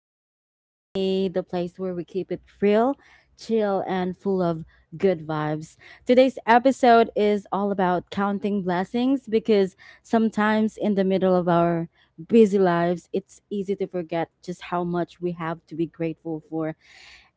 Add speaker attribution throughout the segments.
Speaker 1: Talks with Queenie, the place where we keep it real, chill, and full of good vibes. Today's episode is all about counting blessings because sometimes in the middle of our busy lives, it's easy to forget just how much we have to be grateful for.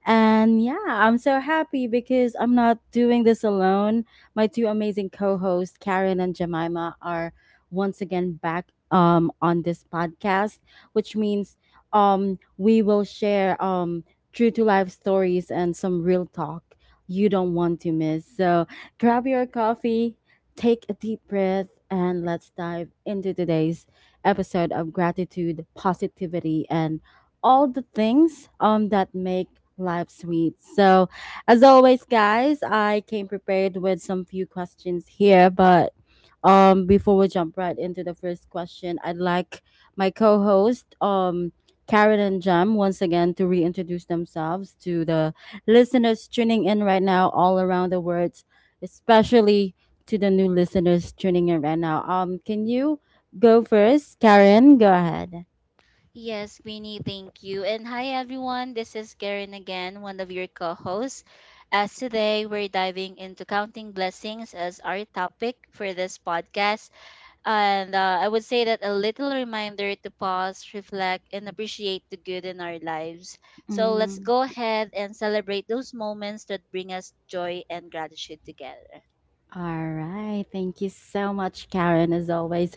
Speaker 1: And yeah, I'm so happy because I'm not doing this alone. My two amazing co-hosts, Karen and Jemima, are once again back on this podcast, which means we will share true to life stories and some real talk you don't want to miss. So grab your coffee, take a deep breath, and let's dive into today's episode of gratitude, positivity, and all the things that make life sweet. So, as always, guys, I came prepared with some few questions here, but before we jump right into the first question, I'd like my co-host Karen and Jam once again to reintroduce themselves to the listeners tuning in right now all around the world, especially to the new listeners tuning in right now. Can you go first? Karen, go ahead.
Speaker 2: Yes, Queenie, thank you. And hi, everyone. This is Karen again, one of your co hosts. As Today, we're diving into counting blessings as our topic for this podcast. And I would say that a little reminder to pause, reflect, and appreciate the good in our lives. So let's go ahead and celebrate those moments that bring us joy and gratitude together.
Speaker 1: All right. Thank you so much, Karen, as always.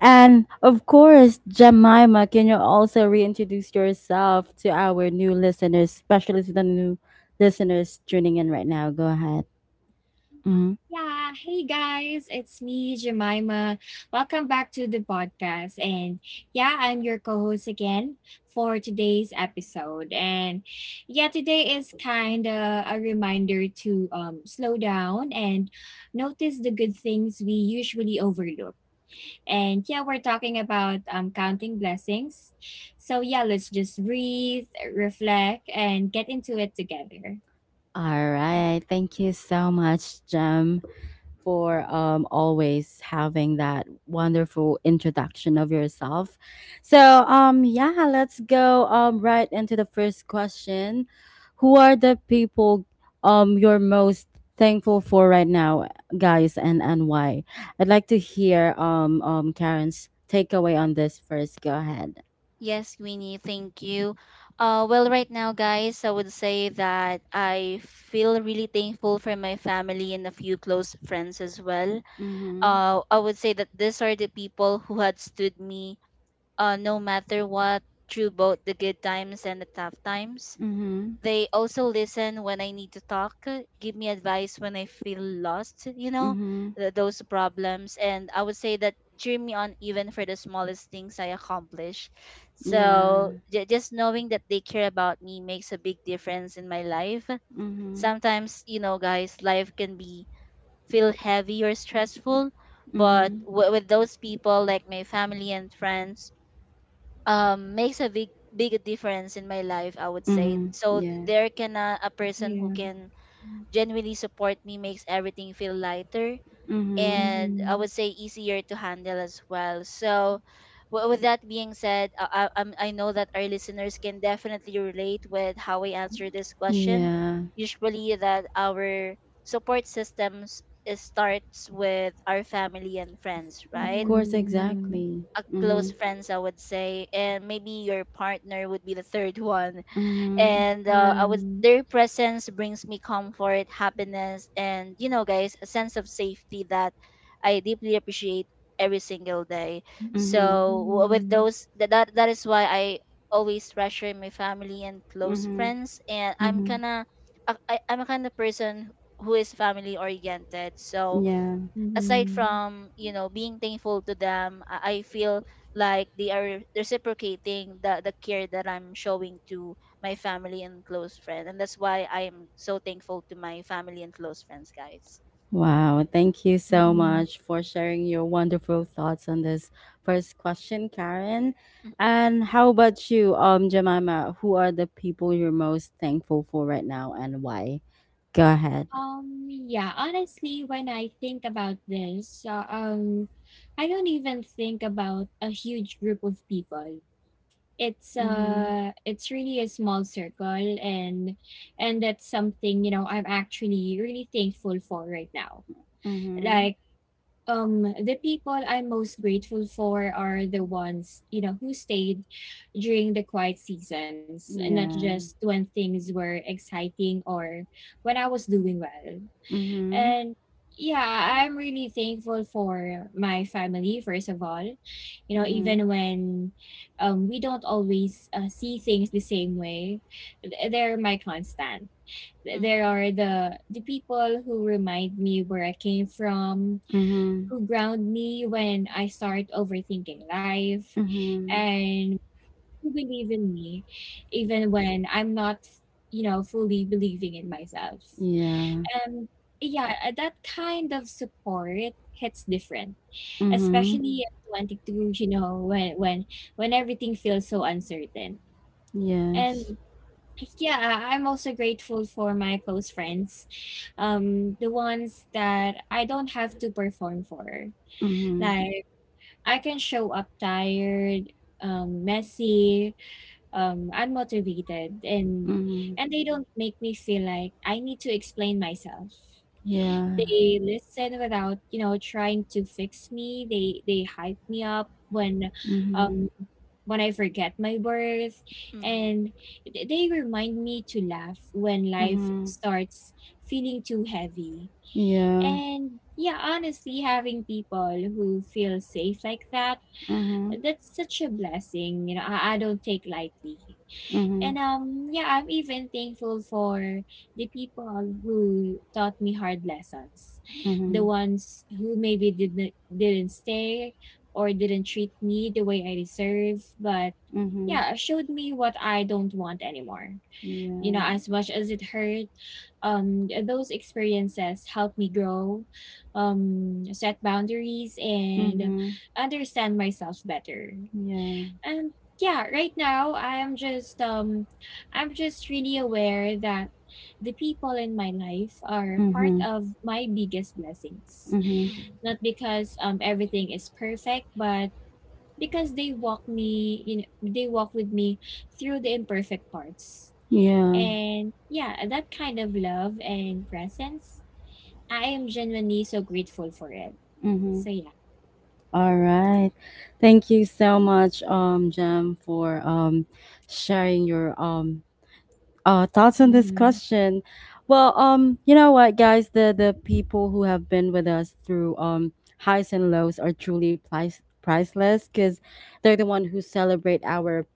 Speaker 1: And of course, Jemima, can you also reintroduce yourself to our new listeners, especially to the new listeners tuning in right now? Go ahead.
Speaker 3: Uh,
Speaker 1: Mhm.
Speaker 3: yeah, Hey guys, it's me, Jemima. Welcome back to the podcast. And yeah, I'm your co host again for today's episode. And yeah, today is kind of a reminder to slow down and notice the good things we usually overlook. And yeah, we're talking about counting blessings. So yeah, let's just breathe, reflect, and get into it together.
Speaker 1: All right. Thank you so much, Jem, for always having that wonderful introduction of yourself. So, yeah, let's go right into the first question. Who are the people you're most thankful for right now, guys, and why? I'd like to hear Karen's takeaway on this first. Go ahead.
Speaker 2: Yes, Winnie, thank you. Well, right now, guys, I would say that I feel really thankful for my family and a few close friends as well.
Speaker 1: Mm-hmm.
Speaker 2: I would say that these are the people who had stood me no matter what, through both the good times and the tough times.
Speaker 1: Mm-hmm.
Speaker 2: They also listen when I need to talk, give me advice when I feel lost, you know,
Speaker 1: Mm-hmm.
Speaker 2: those problems. And I would say that cheer me on even for the smallest things I accomplish.
Speaker 1: Yeah.
Speaker 2: So just knowing that they care about me makes a big difference in my life.
Speaker 1: Mm-hmm.
Speaker 2: Sometimes, you know, guys, life can be feel heavy or stressful, but
Speaker 1: Mm-hmm.
Speaker 2: with those people like my family and friends makes a big big difference in my life, I would say.
Speaker 1: Mm-hmm.
Speaker 2: So
Speaker 1: Yeah.
Speaker 2: there can a person who
Speaker 3: Yeah.
Speaker 2: can genuinely support me makes everything feel lighter,
Speaker 1: Mm-hmm.
Speaker 2: and I
Speaker 3: Mhm.
Speaker 2: would say easier to handle as well. So with that being said, I know that our listeners can definitely relate with how we answer this question,
Speaker 1: Yeah.
Speaker 2: usually that our support systems starts with our family and friends,
Speaker 1: Of
Speaker 2: right?
Speaker 1: course,
Speaker 3: Mhm,
Speaker 1: exactly.
Speaker 2: A close
Speaker 1: Mhm.
Speaker 2: friends, I would say, and maybe your partner would be the third one.
Speaker 1: Mhm.
Speaker 2: and
Speaker 3: yeah,
Speaker 2: uh,
Speaker 3: yeah.
Speaker 2: i would their presence brings me comfort, happiness, and you know, guys, a sense of safety that I deeply appreciate every single day.
Speaker 1: Mhm.
Speaker 2: So with
Speaker 3: Mhm,
Speaker 2: those that is why I always treasure my family and close
Speaker 1: Mhm.
Speaker 2: friends. And I'm
Speaker 1: Mhm.
Speaker 2: kind of I'm a kind of person who is family oriented. So
Speaker 1: Yeah.
Speaker 2: aside
Speaker 3: mhm,
Speaker 2: from, you know, being thankful to them, I feel like they are reciprocating the care that I'm showing to my family and close friends, and that's why I am so thankful to my family and close friends, guys.
Speaker 1: Wow, thank you so
Speaker 3: mhm.
Speaker 1: much for sharing your wonderful thoughts on this first question, Karen. And how about you, Jemima, who are the people you're most thankful for right now and why? Go ahead.
Speaker 3: Yeah, honestly, when I think about this, I don't even think about a huge group of people.
Speaker 1: Mhm.
Speaker 3: It's really a small circle and that's something, you know, I'm actually really thankful for right now.
Speaker 1: Mhm.
Speaker 3: Like the people I'm most grateful for are the ones, you know, who stayed during the quiet seasons, and not just
Speaker 1: Yeah.
Speaker 3: when things were exciting or when I was doing well.
Speaker 1: Mhm.
Speaker 3: And yeah, I'm really thankful for my family first of all. You know,
Speaker 1: Mhm.
Speaker 3: even when we don't always see things the same way, they're my constant. Th- There
Speaker 2: Mm-hmm,
Speaker 3: are the people who remind me where I came from,
Speaker 1: Mhm.
Speaker 3: who ground me when I start overthinking life
Speaker 1: Mhm.
Speaker 3: and who believe in me even when I'm not, you know, fully believing in myself.
Speaker 1: Yeah.
Speaker 3: Um yeah, that kind of support hits different,
Speaker 1: Mhm.
Speaker 3: especially at 22, you know, when everything feels so uncertain. And
Speaker 1: Yes.
Speaker 3: yeah, I'm also grateful for my close friends. The ones that I don't have to perform for.
Speaker 1: Mhm.
Speaker 3: Like I can show up tired, messy, unmotivated, and
Speaker 1: Mhm.
Speaker 3: they don't make me feel like I need to explain myself.
Speaker 1: Yeah.
Speaker 3: They listen without, you know, trying to fix me. They hype me up
Speaker 1: Mhm.
Speaker 3: um, when I forget my worth,
Speaker 2: mm-hmm,
Speaker 3: and they remind me to laugh when life
Speaker 1: Mhm.
Speaker 3: starts feeling too heavy.
Speaker 1: Yeah.
Speaker 3: And yeah, honestly, having people who feel safe like that,
Speaker 1: Mhm.
Speaker 3: that's such a blessing, I don't take lightly,
Speaker 1: Mhm.
Speaker 3: and yeah, I'm even thankful for the people who taught me hard lessons, the
Speaker 1: Mhm.
Speaker 3: ones who maybe didn't stay or didn't treat me the way I deserve. But
Speaker 1: Mhm.
Speaker 3: yeah, showed me what I don't want anymore. You know,
Speaker 1: Yeah.
Speaker 3: as much as it hurt, those experiences helped me grow, set boundaries and
Speaker 1: Mhm.
Speaker 3: understand myself better.
Speaker 1: Yeah.
Speaker 3: And yeah, right now I am just I'm just really aware that the people in my life are part
Speaker 1: Mhm.
Speaker 3: of my biggest blessings.
Speaker 1: Mhm.
Speaker 2: mm-hmm,
Speaker 3: Not because everything is perfect, but because they walk with me through the imperfect parts.
Speaker 1: Yeah.
Speaker 3: And yeah, that kind of love and presence, I am genuinely so grateful for it.
Speaker 1: Mhm.
Speaker 3: So yeah.
Speaker 1: All right. Thank you so much, Jem, for sharing your thoughts on this
Speaker 3: Mm-hmm.
Speaker 1: question. Well, you know what, guys, the people who have been with us through highs and lows are truly priceless because they're the one who celebrate our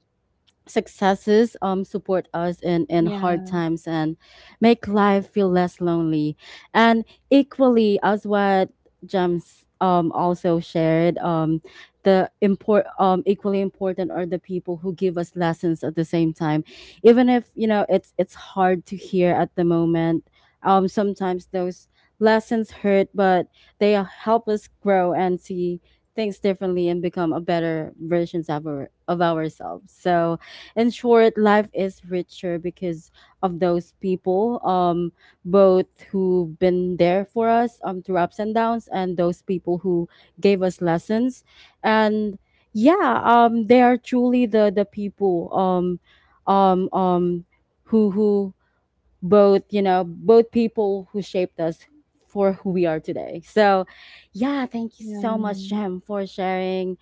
Speaker 1: successes support us in hard
Speaker 3: Yeah.
Speaker 1: times and make life feel less lonely. And equally, as what Gems also shared, the import equally important are the people who give us lessons at the same time, even if you know it's hard to hear at the moment. Sometimes those lessons hurt, but they help us grow and see things differently and become a better versions of of ourselves. So in short, life is richer because of those people, both who've been there for us through ups and downs, and those people who gave us lessons. And yeah, they are truly the people um, um, who both you know both people who shaped us for who we are today. So, yeah, thank you so much,
Speaker 3: Yeah.
Speaker 1: Jem, for sharing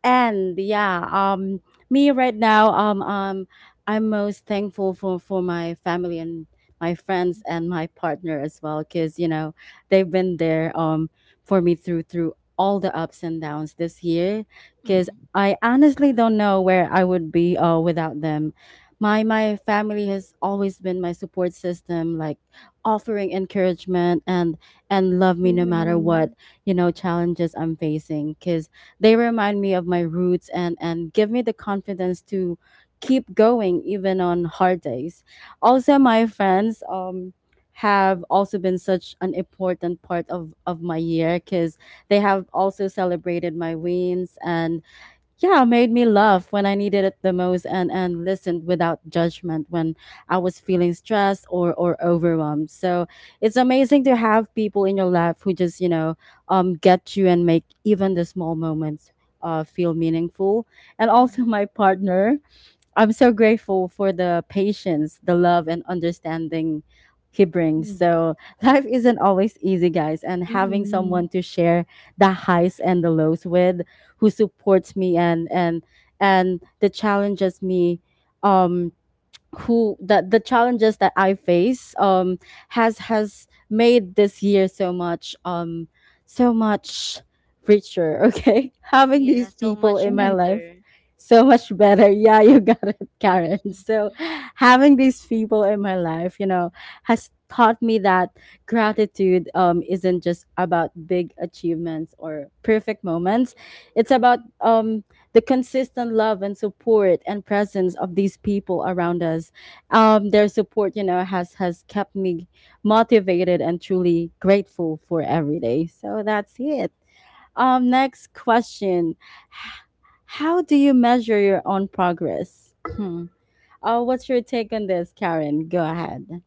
Speaker 1: and yeah, me right now, I'm most thankful for my family and my friends and my partner as well, because you know they've been there for me through all the ups and downs this year. Because
Speaker 2: mm-hmm,
Speaker 1: I honestly don't know where I would be without them. My family has always been my support system, like offering encouragement and love me no matter what
Speaker 3: Mm-hmm.
Speaker 1: you know challenges I'm facing. Because they remind me of my roots and give me the confidence to keep going even on hard days. Also, my friends have also been such an important part of my year because they have also celebrated my wins and yeah made me laugh when I needed it the most and listened without judgment when I was feeling stressed or overwhelmed. So it's amazing to have people in your life who just you know get you and make even the small moments feel meaningful. And also
Speaker 2: mm-hmm.
Speaker 1: my partner, I'm so grateful for the patience, the love, and understanding he brings.
Speaker 3: Yeah.
Speaker 1: So life isn't always easy, guys, and having someone
Speaker 3: Mhm.
Speaker 1: to share the highs and the lows with, who supports me and the challenges me, um who that the challenges that I face has made this year so much richer. Okay, having these
Speaker 2: Yeah, so
Speaker 1: people in
Speaker 2: much
Speaker 1: my
Speaker 3: Mhm,
Speaker 1: life
Speaker 2: better.
Speaker 1: so much better. Yeah, you got it, Karen.
Speaker 2: Mhm.
Speaker 1: So having these people in my life, you know, has taught me that gratitude isn't just about big achievements or perfect moments. It's about the consistent love and support and presence of these people around us. Their support you know has kept me motivated and truly grateful for every day. So that's it. Next question: H- how do you measure your own progress? Hmm. What's your take on this, Karen? Go ahead.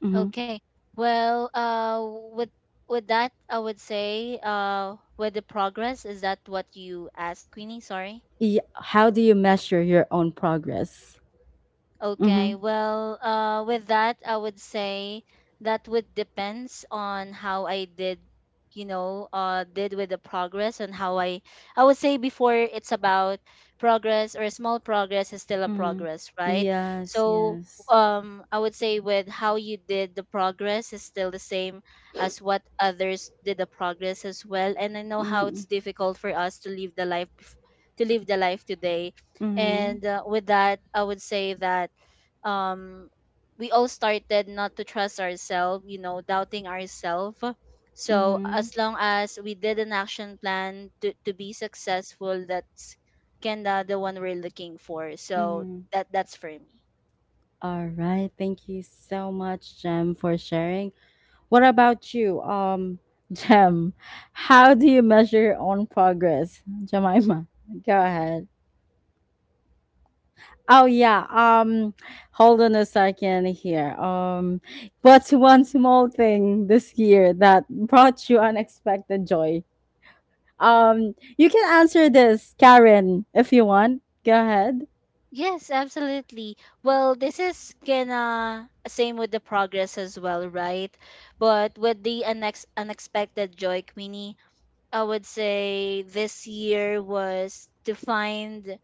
Speaker 1: Hmm.
Speaker 2: Okay, well uh with with that, I would say with the progress is that what you asked, Queenie? Sorry.
Speaker 1: Yeah, how do you measure your own progress? Mm-hmm.
Speaker 2: Okay, with that, I would say that would depends on how I did, you know, did with the progress and how I would say before it's about progress, or small progress is still a
Speaker 1: Mm-hmm.
Speaker 2: progress, right?
Speaker 1: Yes,
Speaker 2: So,
Speaker 1: yes.
Speaker 2: I would say with how you did the progress is still the same as what others did the progress as well. And I know how
Speaker 1: Mm-hmm.
Speaker 2: it's difficult for us to live the life, to live the life today.
Speaker 1: Mm-hmm.
Speaker 2: And with that, I would say that um, we all started not to trust ourselves, you know, doubting ourselves. So
Speaker 1: Mm-hmm.
Speaker 2: as long as we did an action plan to be successful, that's kinda the one we're looking for. So
Speaker 1: Mhm.
Speaker 2: that that's for me.
Speaker 1: All right. Thank you so much, Jem, for sharing. What about you, Jem? How do you measure your own progress, Jemima? Go ahead. Oh yeah. Hold on a second here. What's one small thing this year that brought you unexpected joy? You can answer this, Karen, if you want. Go ahead.
Speaker 2: Yes, absolutely. Well, this is kinda same with the progress as well, right? But with the unexpected joy, Queenie, I would say this year was to find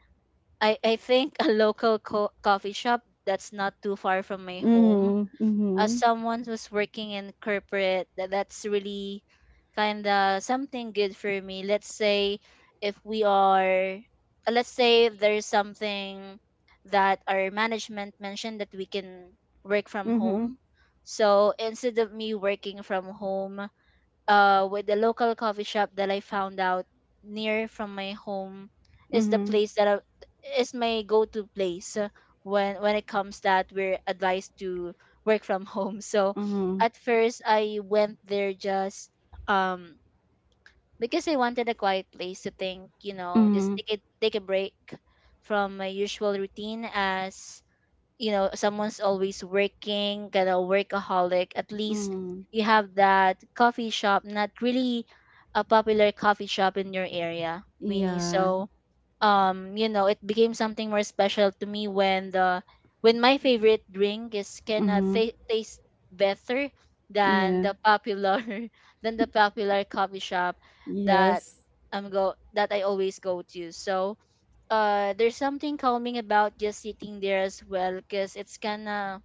Speaker 2: I think a local coffee shop that's not too far from my home.
Speaker 1: Mhm.
Speaker 2: As
Speaker 1: Mhm.
Speaker 2: someone who's working in corporate, that that's really kind of something good for me. Let's say if we are let's say there's something that our management mentioned that we can work from
Speaker 1: Mhm.
Speaker 2: home. So instead of me working from home, with the local coffee shop that I found out near from my home is the
Speaker 1: Mhm.
Speaker 2: place that I, is my go-to place when it comes that we're advised to work from home. So
Speaker 1: Mhm.
Speaker 2: at first I went there just um because I wanted a quiet place to think, you know, just
Speaker 1: Mhm.
Speaker 2: take a break from my usual routine. As you know, someone's always working kind of workaholic. At least
Speaker 1: Mm.
Speaker 2: you have that coffee shop, not really a popular coffee shop in your area, Winnie.
Speaker 1: Yeah.
Speaker 2: So you know, it became something more special to me when the when my favorite drink is gonna
Speaker 1: Mhm.
Speaker 2: taste better than
Speaker 1: Yeah.
Speaker 2: the popular than the popular coffee shop that
Speaker 1: Yes.
Speaker 2: I always go to. So there's something calming about just sitting there as well, because it's kind of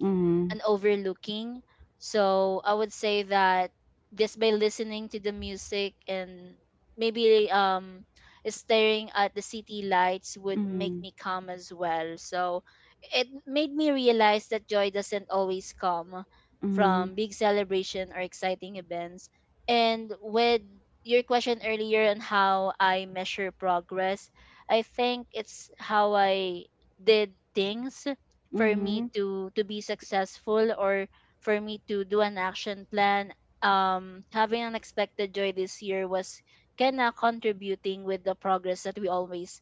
Speaker 1: Mhm.
Speaker 2: and overlooking. So I would say that just by listening to the music and maybe staring at the city lights would make
Speaker 1: Mhm.
Speaker 2: me calm as well. So it made me realize that joy doesn't always come
Speaker 1: Mhm.
Speaker 2: from big celebration or exciting events. And with your question earlier on how I measure progress, I think it's how I did things for me
Speaker 1: Mhm.
Speaker 2: to be successful, or for me to do an action plan. Having unexpected joy this year was kind of contributing with the progress that we always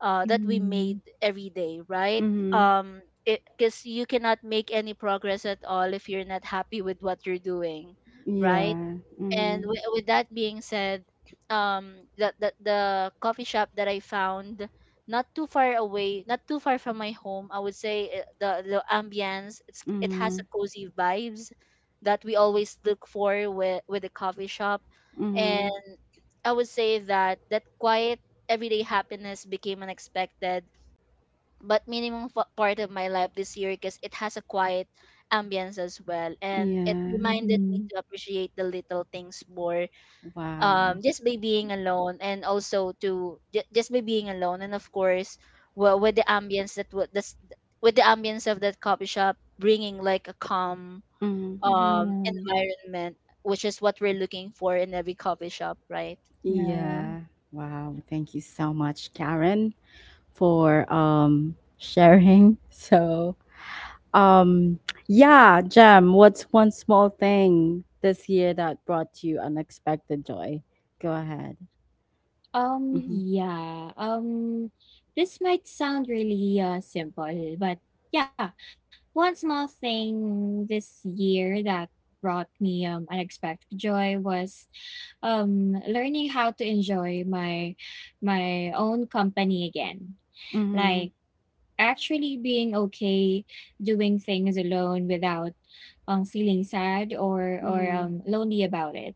Speaker 2: that we made
Speaker 3: mhm.
Speaker 2: every day, right?
Speaker 1: Mhm.
Speaker 2: um because you cannot make any progress at all if you're not happy with what you're doing, right?
Speaker 1: Yeah.
Speaker 2: And
Speaker 1: Mhm.
Speaker 2: with that being said, the coffee shop that I found not too far away, not too far from my home, I would say the ambience, it's it has a
Speaker 1: Mhm.
Speaker 2: cozy vibes that we always look for with a coffee shop, and
Speaker 1: Mhm.
Speaker 2: I would say that that quiet everyday happiness became unexpected but minimum part of my life this year, because it has a quiet ambience as well, and it
Speaker 1: Yeah.
Speaker 2: reminded me
Speaker 3: Mhm.
Speaker 2: to appreciate the little things more.
Speaker 1: Wow.
Speaker 2: Just by being alone, and also to just by being alone, and of course, well, with the ambience of that coffee shop bringing like a calm
Speaker 1: Mhm.
Speaker 3: Yeah,
Speaker 2: environment, which is what we're looking for in every coffee shop, right?
Speaker 3: yeah.
Speaker 1: Yeah. Wow. Thank you so much, Karen, for sharing. So, um yeah, Jem, what's one small thing this year that brought you unexpected joy? Go ahead.
Speaker 3: Um,
Speaker 1: Mm-hmm.
Speaker 3: yeah. Um, this might sound really simple, but yeah, one small thing this year that brought me unexpected joy was learning how to enjoy my own company again.
Speaker 1: Mhm.
Speaker 3: Like actually being okay doing things alone without feeling sad or
Speaker 1: Mhm.
Speaker 3: lonely about it.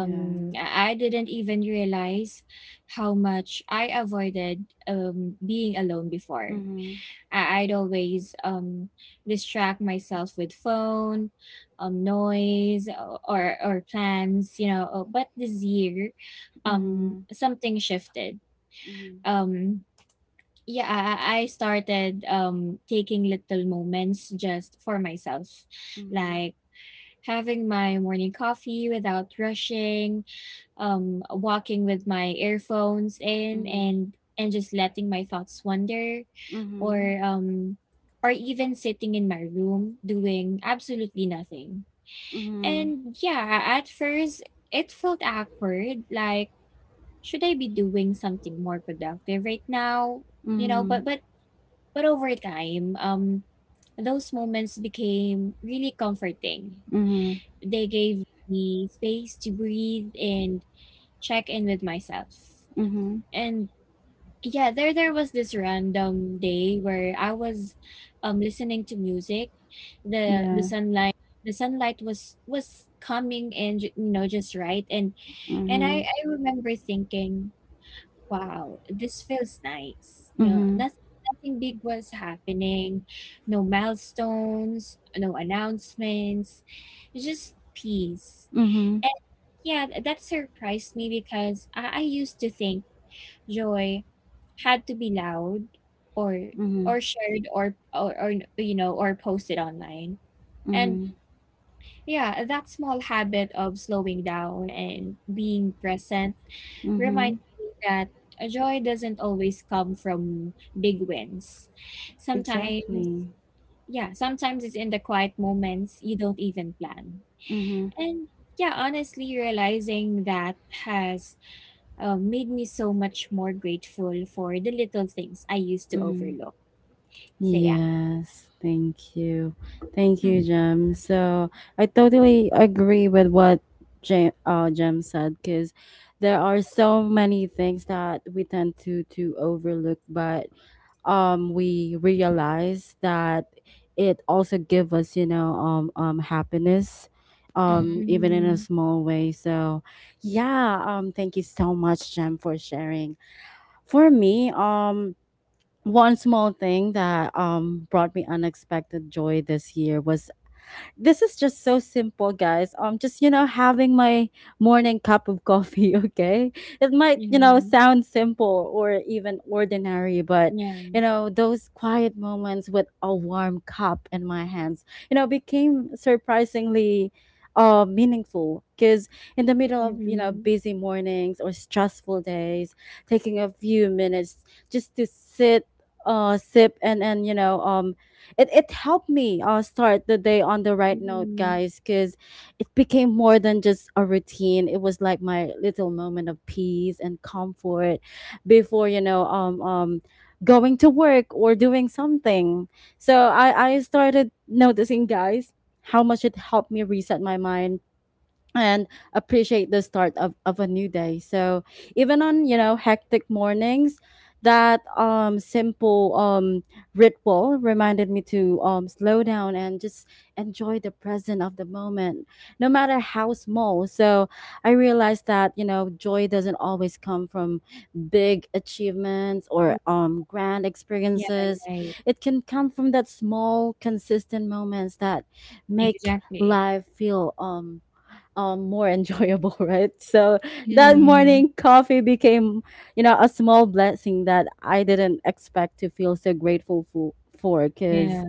Speaker 1: Yeah.
Speaker 3: i I didn't even realize how much I avoided being alone before.
Speaker 1: Mhm.
Speaker 3: I'd always distract myself with phone, noise, or plans, you know. But this year
Speaker 1: Mhm.
Speaker 3: something shifted.
Speaker 1: Mhm.
Speaker 3: um yeah I started taking little moments just for myself,
Speaker 1: Mhm.
Speaker 3: like having my morning coffee without rushing, walking with my earphones in,
Speaker 1: Mhm.
Speaker 3: and just letting my thoughts wander,
Speaker 1: Mhm.
Speaker 3: or um or even sitting in my room doing absolutely nothing.
Speaker 1: Mhm.
Speaker 3: And yeah, at first it felt awkward, like, should I be doing something more productive right now? You know,
Speaker 1: Mhm.
Speaker 3: but over time, those moments became really comforting.
Speaker 1: Mhm.
Speaker 3: They gave me space to breathe and check in with myself.
Speaker 1: Mhm.
Speaker 3: And yeah, there was this random day where I was listening to music. The
Speaker 1: Yeah.
Speaker 3: sunlight, the sunlight was coming in, you know, just right. And I
Speaker 1: Mhm.
Speaker 3: I remember thinking, wow, this feels nice. You know,
Speaker 1: Mhm.
Speaker 3: nothing big was happening, no milestones, no announcements, just peace.
Speaker 1: Mhm.
Speaker 3: And yeah, that surprised me because I used to think joy had to be loud or
Speaker 1: Mhm.
Speaker 3: or, you know, or posted online. And
Speaker 1: Mhm.
Speaker 3: yeah, that small habit of slowing down and being present reminded
Speaker 1: Mhm.
Speaker 3: me that joy doesn't always come from big wins. Sometimes,
Speaker 1: Exactly.
Speaker 3: yeah, sometimes it's in the quiet moments you don't even plan.
Speaker 1: Mhm.
Speaker 3: And yeah, honestly, realizing that has made me so much more grateful for the little things I used to
Speaker 1: Mhm.
Speaker 3: overlook. So yeah.
Speaker 1: Yes, thank you. Thank you,
Speaker 2: Mm-hmm.
Speaker 1: Jem. So I totally agree with what Jem, Jem said because there are so many things that we tend to overlook, but we realize that it also give us, you know, happiness even in
Speaker 3: Mm-hmm.
Speaker 1: a small way. So yeah, thank you so much, Jem, for sharing. For me, one small thing that brought me unexpected joy this year was, this is just so simple, guys. Just you know, having my morning cup of coffee. Okay, it might you know
Speaker 3: Yeah.
Speaker 1: sound simple or even ordinary, but
Speaker 3: Yeah.
Speaker 1: you know those quiet moments with a warm cup in my hands, you know, became surprisingly meaningful because in the middle of you know
Speaker 3: Mm-hmm.
Speaker 1: busy mornings or stressful days, taking a few minutes just to sit sip and you know it, it helped me start the day on the right note,
Speaker 3: Mm-hmm.
Speaker 1: guys, because it became more than just a routine. It was like my little moment of peace and comfort before you know going to work or doing something. So I started noticing, guys, how much it helped me reset my mind and appreciate the start of a new day. So even on, you know, hectic mornings, that simple ritual reminded me to slow down and just enjoy the present of the moment, no matter how small. So I realized that, you know, joy doesn't always come from big achievements or grand
Speaker 3: Yeah,
Speaker 1: experiences.
Speaker 3: right.
Speaker 1: It can come from that small, consistent moments that make
Speaker 3: Exactly.
Speaker 1: life feel more enjoyable, right? So that
Speaker 2: Yeah,
Speaker 3: Mhm.
Speaker 1: morning coffee became, you know, a small blessing that I didn't expect to feel so grateful for, cause,
Speaker 3: Yeah.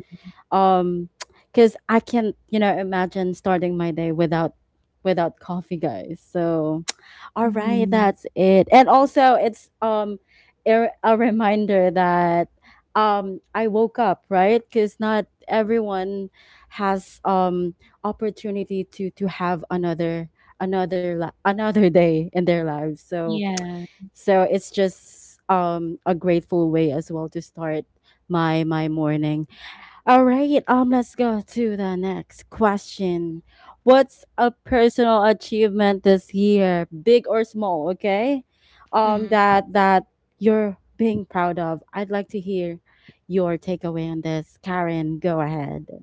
Speaker 1: um, cause I can't, you know, imagine starting my day without, without coffee, guys. So, all right,
Speaker 3: Mhm.
Speaker 1: that's it. And also, it's a reminder that I woke up, right? Cuz not everyone has opportunity to have another another day in their lives. So
Speaker 3: Yeah.
Speaker 1: so it's just a grateful way as well to start my morning. All right, let's go to the next question. What's a personal achievement this year, big or small? Okay, um,
Speaker 2: mm-hmm.
Speaker 1: that that you're being proud of. I'd like to hear your takeaway on this, Karen. Go ahead.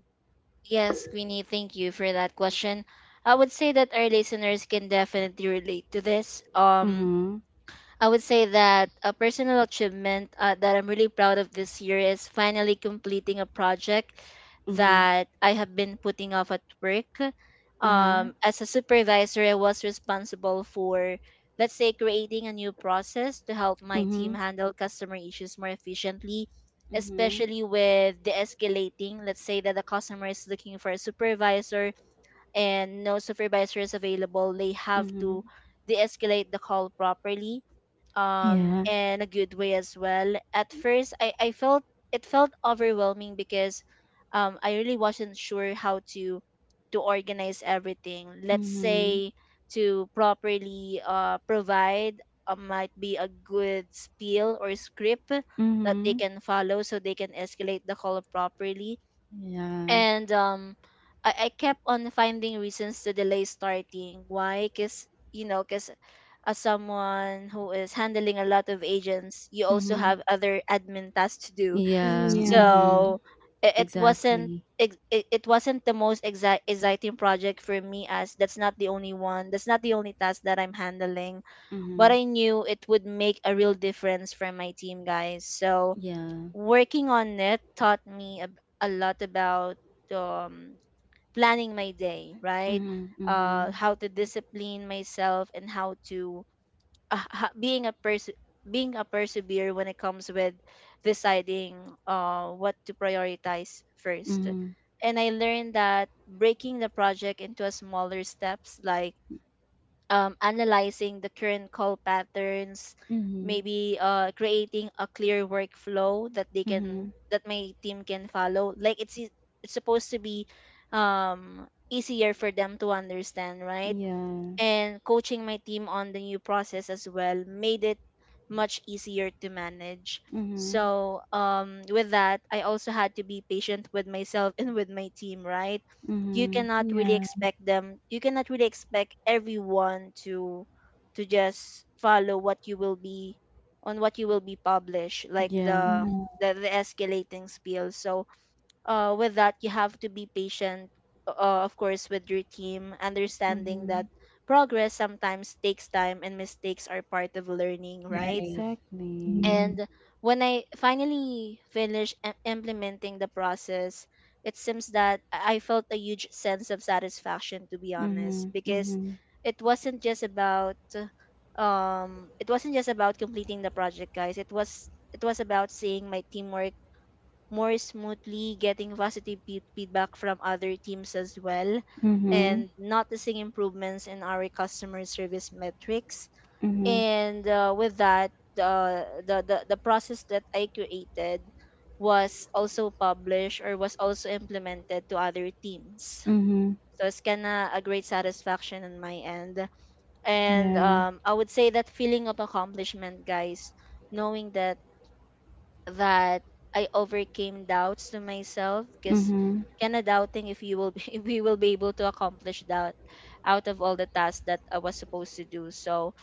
Speaker 2: Yes, Queenie, thank you for that question. I would say that our listeners can definitely relate to this.
Speaker 1: Mm-hmm.
Speaker 2: I would say that a personal achievement that I'm really proud of this year is finally completing a project
Speaker 1: Mm-hmm.
Speaker 2: that I have been putting off at work.
Speaker 1: Uh huh.
Speaker 2: As a supervisor, I was responsible for, let's say, creating a new process to help my team
Speaker 1: Mm-hmm.
Speaker 2: handle customer issues more efficiently,
Speaker 1: Mm-hmm.
Speaker 2: especially with the escalating. Let's say that the customer is looking for a supervisor and no supervisor is available, they have
Speaker 1: Mm-hmm.
Speaker 2: to de escalate the call properly
Speaker 1: Yeah.
Speaker 2: in a good way as well. At first I felt it felt overwhelming because I really wasn't sure how to organize everything, let's
Speaker 1: Mm-hmm.
Speaker 2: say to properly provide might be a good spiel or script that they
Speaker 1: Mm-hmm.
Speaker 2: can follow, so they can escalate the call properly.
Speaker 1: Yeah.
Speaker 2: And I kept on finding reasons to delay starting. Why? Because, you know, because as someone who is handling a lot of agents, you also
Speaker 1: Mm-hmm.
Speaker 2: have other admin tasks to do.
Speaker 1: Yeah. Mm-hmm.
Speaker 3: Mm,
Speaker 2: So it wasn't
Speaker 1: Exactly.
Speaker 2: it, it wasn't the most exciting project for me, as that's not the only one, that's not the only task that I'm handling, but
Speaker 1: Mm-hmm.
Speaker 2: I knew it would make a real difference for my team, guys. So
Speaker 1: Yeah.
Speaker 2: working on it taught me a lot about um, planning my day, right?
Speaker 1: Mhm, mhm,
Speaker 2: How to discipline myself and how to being a person, being a persevere when it comes with deciding what to prioritize first.
Speaker 1: mhm,
Speaker 2: And I learned that breaking the project into a smaller steps, like analyzing the current call patterns,
Speaker 1: mhm,
Speaker 2: maybe creating a clear workflow that they can
Speaker 1: mhm.
Speaker 2: that my team can follow. Like it's supposed to be easier for them to understand, right?
Speaker 1: Yeah.
Speaker 2: And coaching my team on the new process as well made it much easier to manage.
Speaker 1: Mhm,
Speaker 2: So, with that, I also had to be patient with myself and with my team, right? You
Speaker 1: mhm.
Speaker 3: yeah,
Speaker 2: cannot really
Speaker 3: yeah,
Speaker 2: expect them, you cannot really expect everyone to just follow what you will be on what you will be published, like
Speaker 1: Yeah.
Speaker 3: yeah.
Speaker 2: the escalating spiel. So with that you have to be patient, of course, with your team, understanding that
Speaker 1: Mhm.
Speaker 2: progress sometimes takes time and mistakes are part of learning, right?
Speaker 3: Right.
Speaker 1: Exactly.
Speaker 3: Mhm.
Speaker 2: And when I finally finished implementing the process, it seems that I felt a huge sense of satisfaction, to be honest.
Speaker 1: Mhm,
Speaker 2: Because
Speaker 1: mhm,
Speaker 2: it wasn't just about it wasn't just about completing the project, guys, it was about seeing my teamwork more smoothly, getting positive feedback from other teams as well,
Speaker 1: mhm,
Speaker 2: and noticing improvements in our customer service metrics.
Speaker 1: mhm,
Speaker 2: And with that, the, the process that I created was also published, or was also implemented to other teams.
Speaker 1: mhm.
Speaker 2: So it's kind of a great satisfaction on my end. And
Speaker 1: Yeah.
Speaker 2: I would say that feeling of accomplishment, guys, knowing that I overcame doubts to myself because
Speaker 1: Mhm,
Speaker 2: kind of doubting if you will be, if we will be able to accomplish that out of all the tasks that I was supposed to do. So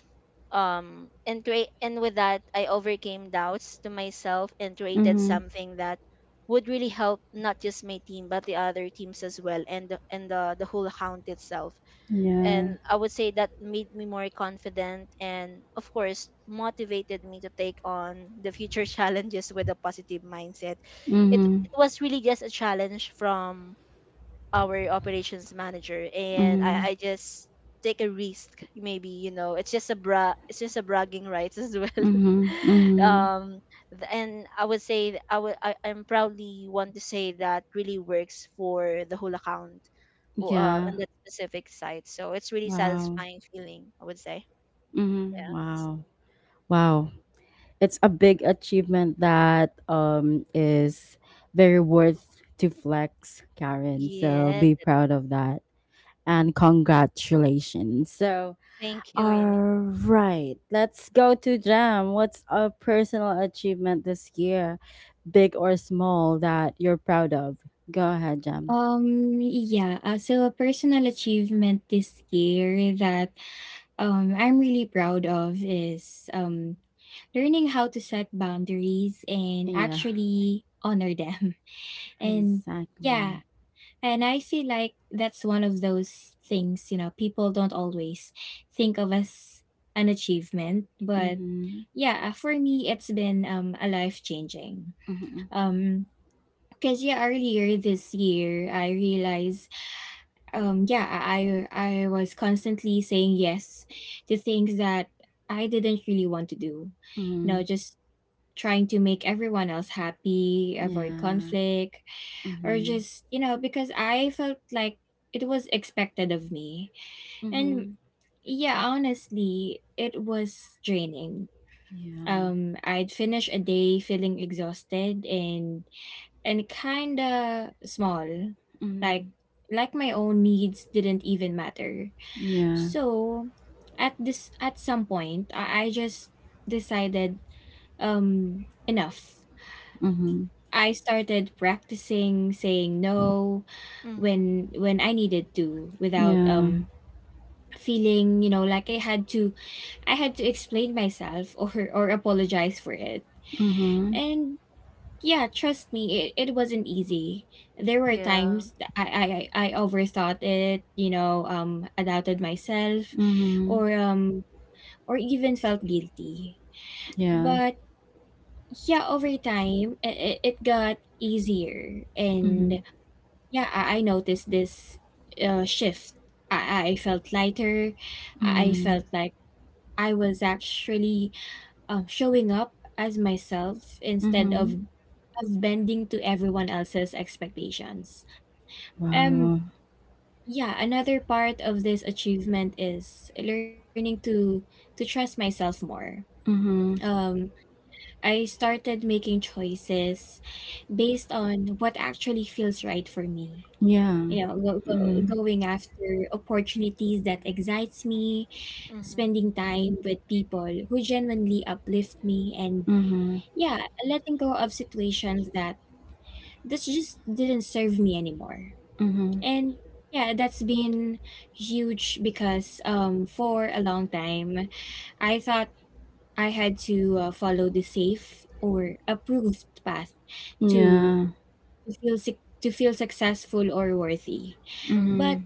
Speaker 2: and create and With that, I overcame doubts to myself and created
Speaker 1: mhm.
Speaker 2: something that would really help not just my team but the other teams as well and the whole account itself.
Speaker 1: Yeah.
Speaker 2: And I would say that made me more confident and of course motivated me to take on the future challenges with a positive mindset. it,
Speaker 1: Mhm,
Speaker 2: it was really just a challenge from our operations manager, and I,
Speaker 1: mhm,
Speaker 2: I just take a risk. Maybe, you know, it's just a bra it's just a bragging rights as well.
Speaker 1: mhm, mhm.
Speaker 2: um and I would say I'm proudly want to say that really works for the whole account,
Speaker 1: Yeah.
Speaker 2: on that specific site, so it's really
Speaker 1: Wow.
Speaker 2: satisfying feeling, I would say.
Speaker 1: Mhm.
Speaker 2: Yes.
Speaker 1: Wow. Wow, it's a big achievement that is very worth to flex, Karen. So
Speaker 2: Yes,
Speaker 1: be
Speaker 2: it
Speaker 1: proud
Speaker 2: is.
Speaker 1: of that. And congratulations. So,
Speaker 2: Thank you, Winnie.
Speaker 1: all right, let's go to Jam. What's a personal achievement this year, big or small, that you're proud of? Go ahead, Jam.
Speaker 3: Yeah. So a personal achievement this year that I'm really proud of is learning how to set boundaries and
Speaker 1: Yeah,
Speaker 3: actually honor them. And yeah,
Speaker 1: exactly.
Speaker 3: And I feel like that's one of those things, you know, people don't always think of as an achievement. But
Speaker 1: Mm-hmm.
Speaker 3: yeah, for me, it's been a life changing.
Speaker 1: Mm-hmm.
Speaker 3: Um, because yeah, earlier this year, I realized, um, yeah, I was constantly saying yes to things that I didn't really want to do, you know,
Speaker 1: Mm-hmm.
Speaker 3: just trying to make everyone else happy, avoid
Speaker 1: Yeah.
Speaker 3: conflict, or
Speaker 1: Mm-hmm.
Speaker 3: just, you know, because I felt like it was expected of me. And
Speaker 1: Mm-hmm.
Speaker 3: yeah, honestly, it was draining.
Speaker 1: Yeah.
Speaker 3: I'd finish a day feeling exhausted and kind of small, like
Speaker 1: Mm-hmm.
Speaker 3: like my own needs didn't even matter.
Speaker 1: Yeah.
Speaker 3: So at some point, I just decided, enough.
Speaker 1: Mhm.
Speaker 3: I started practicing saying no
Speaker 2: Mm-hmm.
Speaker 3: when I needed to, without
Speaker 1: Yeah.
Speaker 3: feeling, you know, like I had to, explain myself or apologize for it.
Speaker 1: Mhm.
Speaker 3: And yeah, trust me, it wasn't easy. There were
Speaker 2: Yeah.
Speaker 3: times that I overthought it, you know, I doubted myself
Speaker 1: Mhm.
Speaker 3: or even felt guilty.
Speaker 1: Yeah.
Speaker 3: But yeah, over time it, it got easier. And
Speaker 1: Mhm.
Speaker 3: yeah, I noticed this shift. I felt lighter. I
Speaker 1: Mhm.
Speaker 3: felt like I was actually showing up as myself, instead
Speaker 1: Mhm.
Speaker 3: of bending to everyone else's expectations. Um,
Speaker 1: Wow.
Speaker 3: yeah, another part of this achievement is learning to trust myself more.
Speaker 1: Mhm.
Speaker 3: Um, I started making choices based on what actually feels right for me,
Speaker 1: Yeah.
Speaker 3: you know,
Speaker 1: Mhm.
Speaker 3: going after opportunities that excites me,
Speaker 2: Mm-hmm.
Speaker 3: spending time with people who genuinely uplift me, and
Speaker 1: Mhm.
Speaker 3: yeah, letting go of situations that this just didn't serve me anymore.
Speaker 1: Mhm.
Speaker 3: And yeah, that's been huge, because for a long time I thought I had to follow the safe or approved path to
Speaker 1: Yeah.
Speaker 3: to feel sick to feel successful or worthy.
Speaker 2: Mm-hmm.
Speaker 3: But
Speaker 1: Mhm.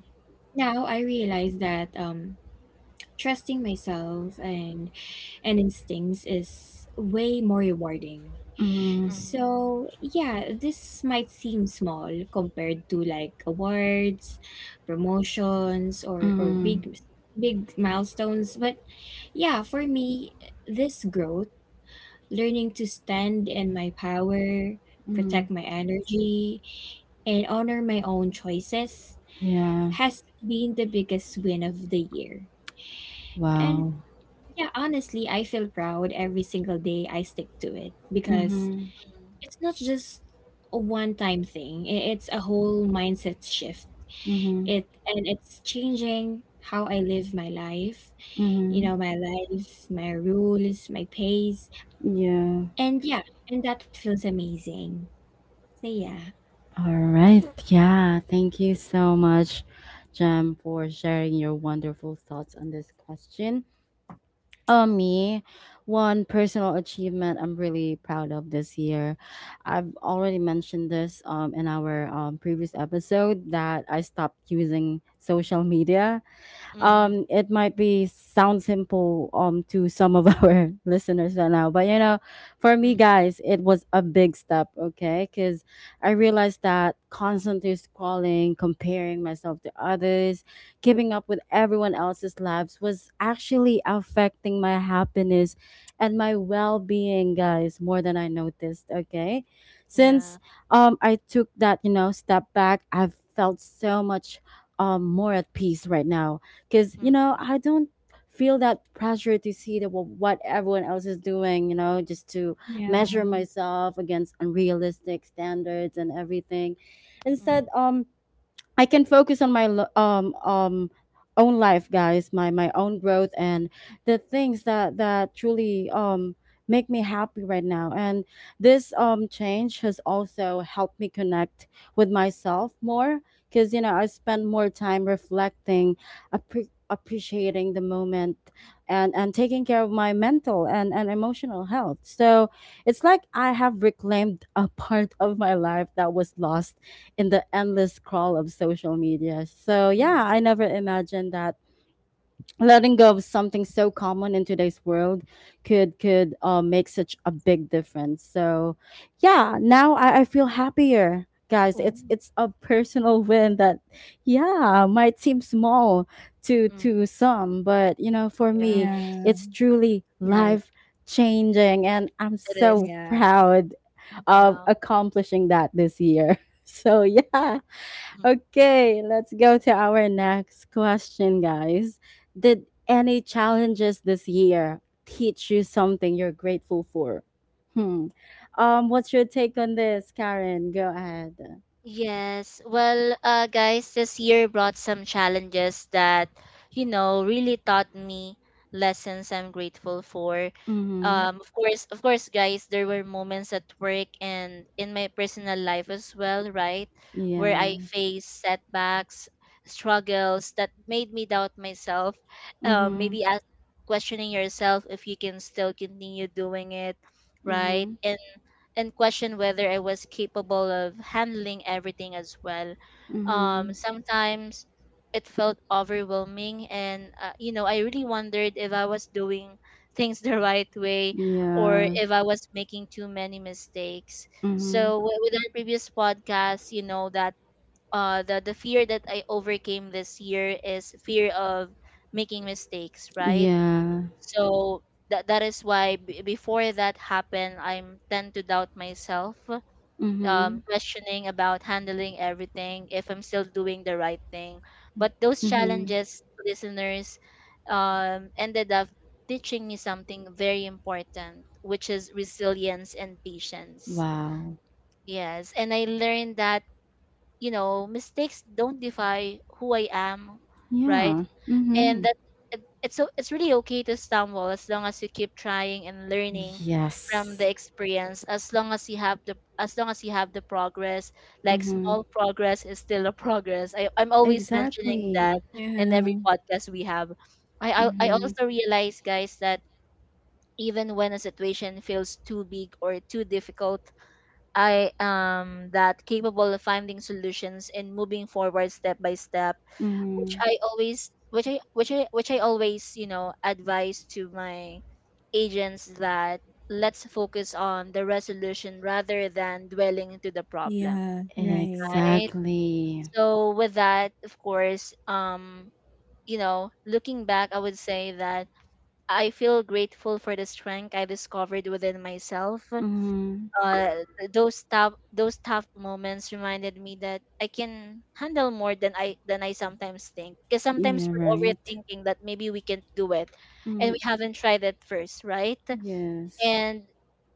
Speaker 3: now I realize that trusting myself and instincts is way more rewarding.
Speaker 1: Mhm.
Speaker 2: Mm-hmm.
Speaker 3: So yeah, this might seem small compared to like awards, promotions, or
Speaker 1: Mhm.
Speaker 3: big milestones. But yeah, for me, this growth, learning to stand in my power, protect
Speaker 1: Mhm.
Speaker 3: my energy, and honor my own choices
Speaker 1: Yeah.
Speaker 3: has been the biggest win of the year. And
Speaker 1: Wow.
Speaker 3: yeah, honestly, I feel proud every single day I stick to it, because
Speaker 1: Mhm.
Speaker 3: it's not just a one-time thing. It's a whole mindset shift.
Speaker 1: Mhm.
Speaker 3: It and it's changing how I live my life, you
Speaker 1: Mhm.
Speaker 3: know, my life, my rules, my pace.
Speaker 1: Yeah.
Speaker 3: And yeah, and that feels amazing. So yeah.
Speaker 1: All right. Yeah. Thank you so much, Jem, for sharing your wonderful thoughts on this question. Me, one personal achievement I'm really proud of this year. I've already mentioned this in our previous episode that I stopped using social media.
Speaker 2: Mm-hmm.
Speaker 1: It might be sound simple to some of our listeners right now, but for me,
Speaker 2: Mm-hmm.
Speaker 1: guys, it was a big step, okay, because I realized that constantly scrolling, comparing myself to others, keeping up with everyone else's lives, was actually affecting my happiness and my well-being, guys, more than I noticed, okay. Since
Speaker 2: Yeah.
Speaker 1: I took that, step back, I've felt so much more at peace right now, because I don't feel that pressure to see the, what everyone else is doing, just to
Speaker 3: Yeah,
Speaker 1: measure myself against unrealistic standards and everything. Instead,
Speaker 2: Mm,
Speaker 1: I can focus on my own life, guys, my own growth, and the things that truly make me happy right now. And this change has also helped me connect with myself more, because I spend more time reflecting, appreciating the moment, and taking care of my mental and emotional health. So it's like I have reclaimed a part of my life that was lost in the endless crawl of social media. So, yeah,
Speaker 2: mm.
Speaker 1: I never imagined that letting go of something so common in today's world could make such a big difference. So, yeah, now I feel happier. Guys,
Speaker 2: Oh,
Speaker 1: it's a personal win that, yeah, might seem small to
Speaker 2: mm.
Speaker 1: to some, but for me,
Speaker 3: yeah,
Speaker 2: Yes,
Speaker 1: it's truly
Speaker 3: right.
Speaker 1: life changing, and I'm
Speaker 2: it is.
Speaker 1: so
Speaker 3: Yeah,
Speaker 1: proud of
Speaker 2: Wow.
Speaker 1: accomplishing that this year. So yeah.
Speaker 2: Mm-hmm.
Speaker 1: Okay, let's go to our next question, guys. Did any challenges this year teach you something you're grateful for? Hmm. What's your take on this, Karen? Go ahead.
Speaker 2: Yes. Well, guys, this year brought some challenges that, you know, really taught me lessons I'm grateful for.
Speaker 1: Mm-hmm.
Speaker 2: Of course, guys, there were moments at work and in my personal life as well, right? Where I
Speaker 1: Yeah.
Speaker 2: faced setbacks, struggles that made me doubt myself.
Speaker 1: Mm-hmm.
Speaker 2: Maybe ask, questioning yourself if you can still continue doing it, right?
Speaker 1: Mm-hmm.
Speaker 2: And question whether I was capable of handling everything as well.
Speaker 1: Mm-hmm.
Speaker 2: Sometimes it felt overwhelming, and you know, I really wondered if I was doing things the right way or
Speaker 1: Yeah.
Speaker 2: if I was making too many mistakes.
Speaker 1: Mm-hmm.
Speaker 2: So with our previous podcast, you know that the fear that I overcame this year is fear of making mistakes, right?
Speaker 1: Yeah.
Speaker 2: So that that is why before that happened, I'm tend to doubt myself,
Speaker 1: Mm-hmm.
Speaker 2: questioning about handling everything, if I'm still doing the right thing. But those
Speaker 1: Mm-hmm.
Speaker 2: challenges, listeners, ended up teaching me something very important, which is resilience and patience.
Speaker 1: Wow.
Speaker 2: Yes, and I learned that, you know, mistakes don't define who I am, right?
Speaker 1: Yeah.
Speaker 2: And
Speaker 1: Mm-hmm.
Speaker 2: that it's really okay to stumble as long as you keep trying and learning from
Speaker 1: Yes.
Speaker 2: the experience, as long as you have the progress. Like,
Speaker 1: Mm-hmm.
Speaker 2: small progress is still a progress. I'm always mentioning that
Speaker 1: Exactly.
Speaker 2: in every
Speaker 3: yeah,
Speaker 2: podcast we have. I
Speaker 1: Mm-hmm.
Speaker 2: also realize, guys, that even when a situation feels too big or too difficult, I am that capable of finding solutions and moving forward step by step, which
Speaker 1: Mhm.
Speaker 2: I always which I which I which I always, you know, advise to my agents that let's focus on the resolution rather than dwelling into the problem,
Speaker 3: yeah, right.
Speaker 2: right?
Speaker 1: Exactly.
Speaker 2: So with that, of course, you know, looking back, I would say that I feel grateful for the strength I discovered within myself.
Speaker 1: Mhm.
Speaker 2: Those tough moments reminded me that I can handle more than I sometimes think. Because sometimes
Speaker 1: Yeah,
Speaker 2: we're
Speaker 1: right.
Speaker 2: overthinking that maybe we can do it and we
Speaker 1: Mhm.
Speaker 2: haven't tried it first, right?
Speaker 1: Yes.
Speaker 2: And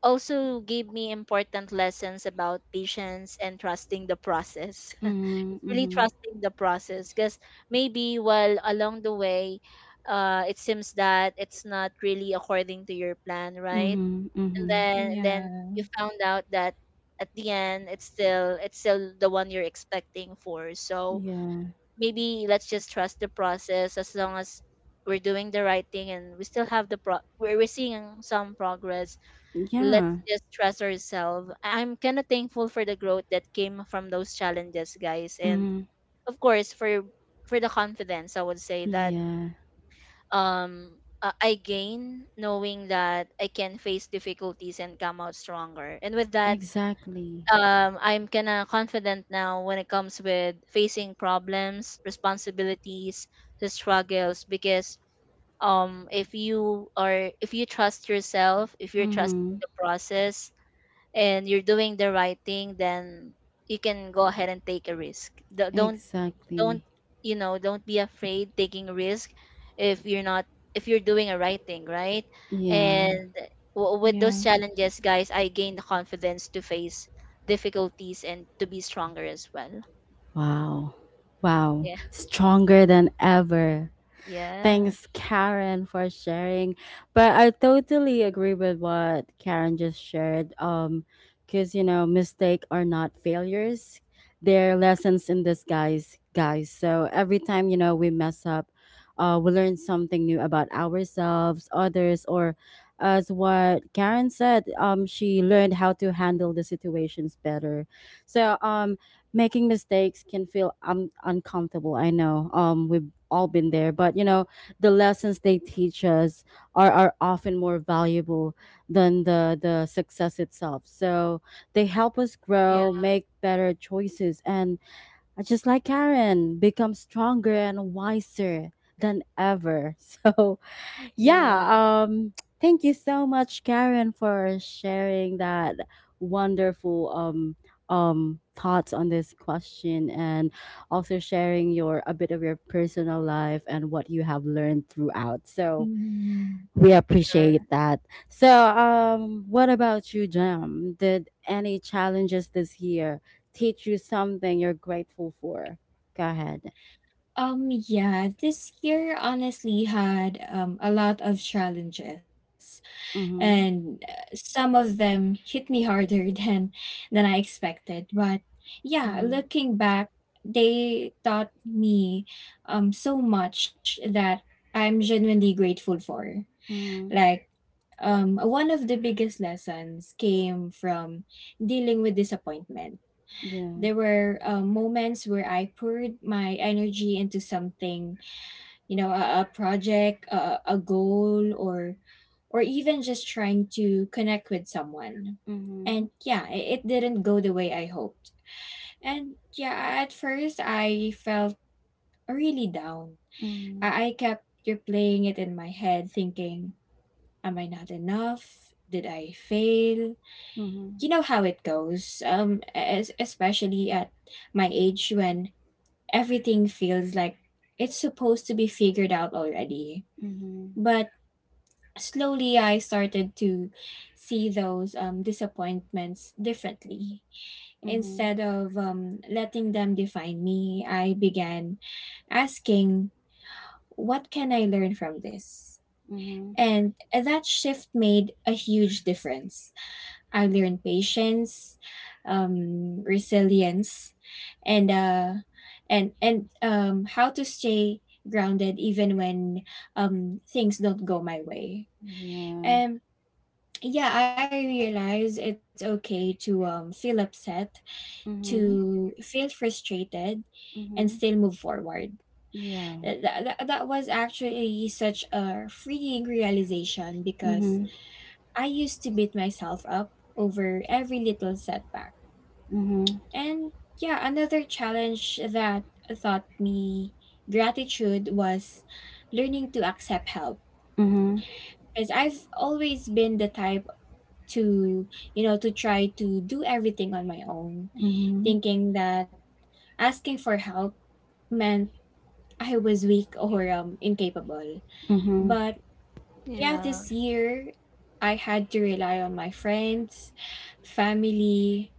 Speaker 2: also gave me important lessons about patience and trusting the process.
Speaker 1: Mhm.
Speaker 2: It's really
Speaker 1: Mhm.
Speaker 2: trusting the process because maybe while along the way it seems that it's not really according to your plan, right?
Speaker 1: Mhm.
Speaker 2: and
Speaker 1: Mhm.
Speaker 2: then and then
Speaker 3: Yeah.
Speaker 2: you found out that at the end it's still the one you're expecting for. So
Speaker 1: Yeah.
Speaker 2: maybe let's just trust the process as long as we're doing the right thing and we still have the pro we're seeing some progress. Let's
Speaker 1: Yeah.
Speaker 2: just trust ourselves. I'm kind of thankful for the growth that came from those challenges, guys, and
Speaker 1: Mhm.
Speaker 2: of course for the confidence, I would say, that
Speaker 1: Yeah.
Speaker 2: um I gain knowing that I can face difficulties and come out stronger. And with that,
Speaker 1: Exactly.
Speaker 2: I'm kind of confident now when it comes with facing problems, responsibilities, the struggles. Because if you are, if you trust yourself, if you're trusting
Speaker 1: Mhm.
Speaker 2: the process, and you're doing the right thing, then you can go ahead and take a risk. Don't,
Speaker 1: Exactly.
Speaker 2: you know, don't be afraid taking risk if you're not, if you're doing a right thing, right?
Speaker 1: Yeah.
Speaker 2: And with those challenges, guys, I gained the confidence to face difficulties and to be stronger as well.
Speaker 1: Wow. Wow.
Speaker 2: Yeah.
Speaker 1: Stronger than ever.
Speaker 2: Yeah.
Speaker 1: Thanks, Karen, for sharing. But I totally agree with what Karen just shared. Because mistake are not failures; they're lessons in disguise, guys. So every time we mess up, we learn something new about ourselves, others, or as what Karen said, she learned how to handle the situations better. So, making mistakes can feel uncomfortable. I know. We've all been there, but the lessons they teach us are often more valuable than the success itself. So they help us
Speaker 2: Yeah.
Speaker 1: grow, make better choices, and, just like Karen, become stronger and wiser than ever. So
Speaker 2: Yeah.
Speaker 1: yeah, thank you so much, Karen, for sharing that wonderful thoughts on this question, and also sharing your a bit of your personal life and what you have learned throughout. So
Speaker 3: Mhm.
Speaker 1: we
Speaker 2: Sure.
Speaker 1: appreciate that. So, what about you, Jam? Did any challenges this year teach you something you're grateful for? Go ahead.
Speaker 3: Yeah, this year honestly had a lot of challenges, and
Speaker 1: Mhm.
Speaker 3: some of them hit me harder than I expected. But yeah,
Speaker 1: Mhm.
Speaker 3: looking back, they taught me so much that I'm genuinely grateful for.
Speaker 1: Mhm.
Speaker 3: Like one of the biggest lessons came from dealing with disappointment.
Speaker 1: Yeah.
Speaker 3: There were moments where I poured my energy into something, you know, a project, a goal, or even just trying to connect with someone,
Speaker 1: Mhm.
Speaker 3: and yeah, it didn't go the way I hoped. And yeah, at first I felt really down.
Speaker 1: Mhm.
Speaker 3: I kept replaying it in my head thinking, am I not enough? Did I fail?
Speaker 1: Mhm,
Speaker 3: You know how it goes. Especially at my age, when everything feels like it's supposed to be figured out already.
Speaker 1: mhm,
Speaker 3: But slowly I started to see those disappointments differently.
Speaker 1: mhm,
Speaker 3: Instead of letting them define me, I began asking, what can I learn from this?
Speaker 1: mhm,
Speaker 3: And that shift made a huge difference. I learned patience, resilience, and how to stay grounded even when things don't go my way.
Speaker 1: yeah,
Speaker 3: And yeah, I realize it's okay to feel upset
Speaker 1: mhm,
Speaker 3: to feel frustrated and
Speaker 1: mhm,
Speaker 3: still move forward.
Speaker 1: yeah,
Speaker 3: That was actually such a freeing realization because
Speaker 1: mhm,
Speaker 3: I used to beat myself up over every little setback.
Speaker 1: mhm,
Speaker 3: And yeah, another challenge that taught me gratitude was learning to accept help,
Speaker 1: mhm,
Speaker 3: because I've always been the type to to try to do everything on my own,
Speaker 1: mhm,
Speaker 3: thinking that asking for help meant I was weak or incapable.
Speaker 1: mhm,
Speaker 3: But yeah,
Speaker 2: Yeah.
Speaker 3: this year I had to rely on my friends, family,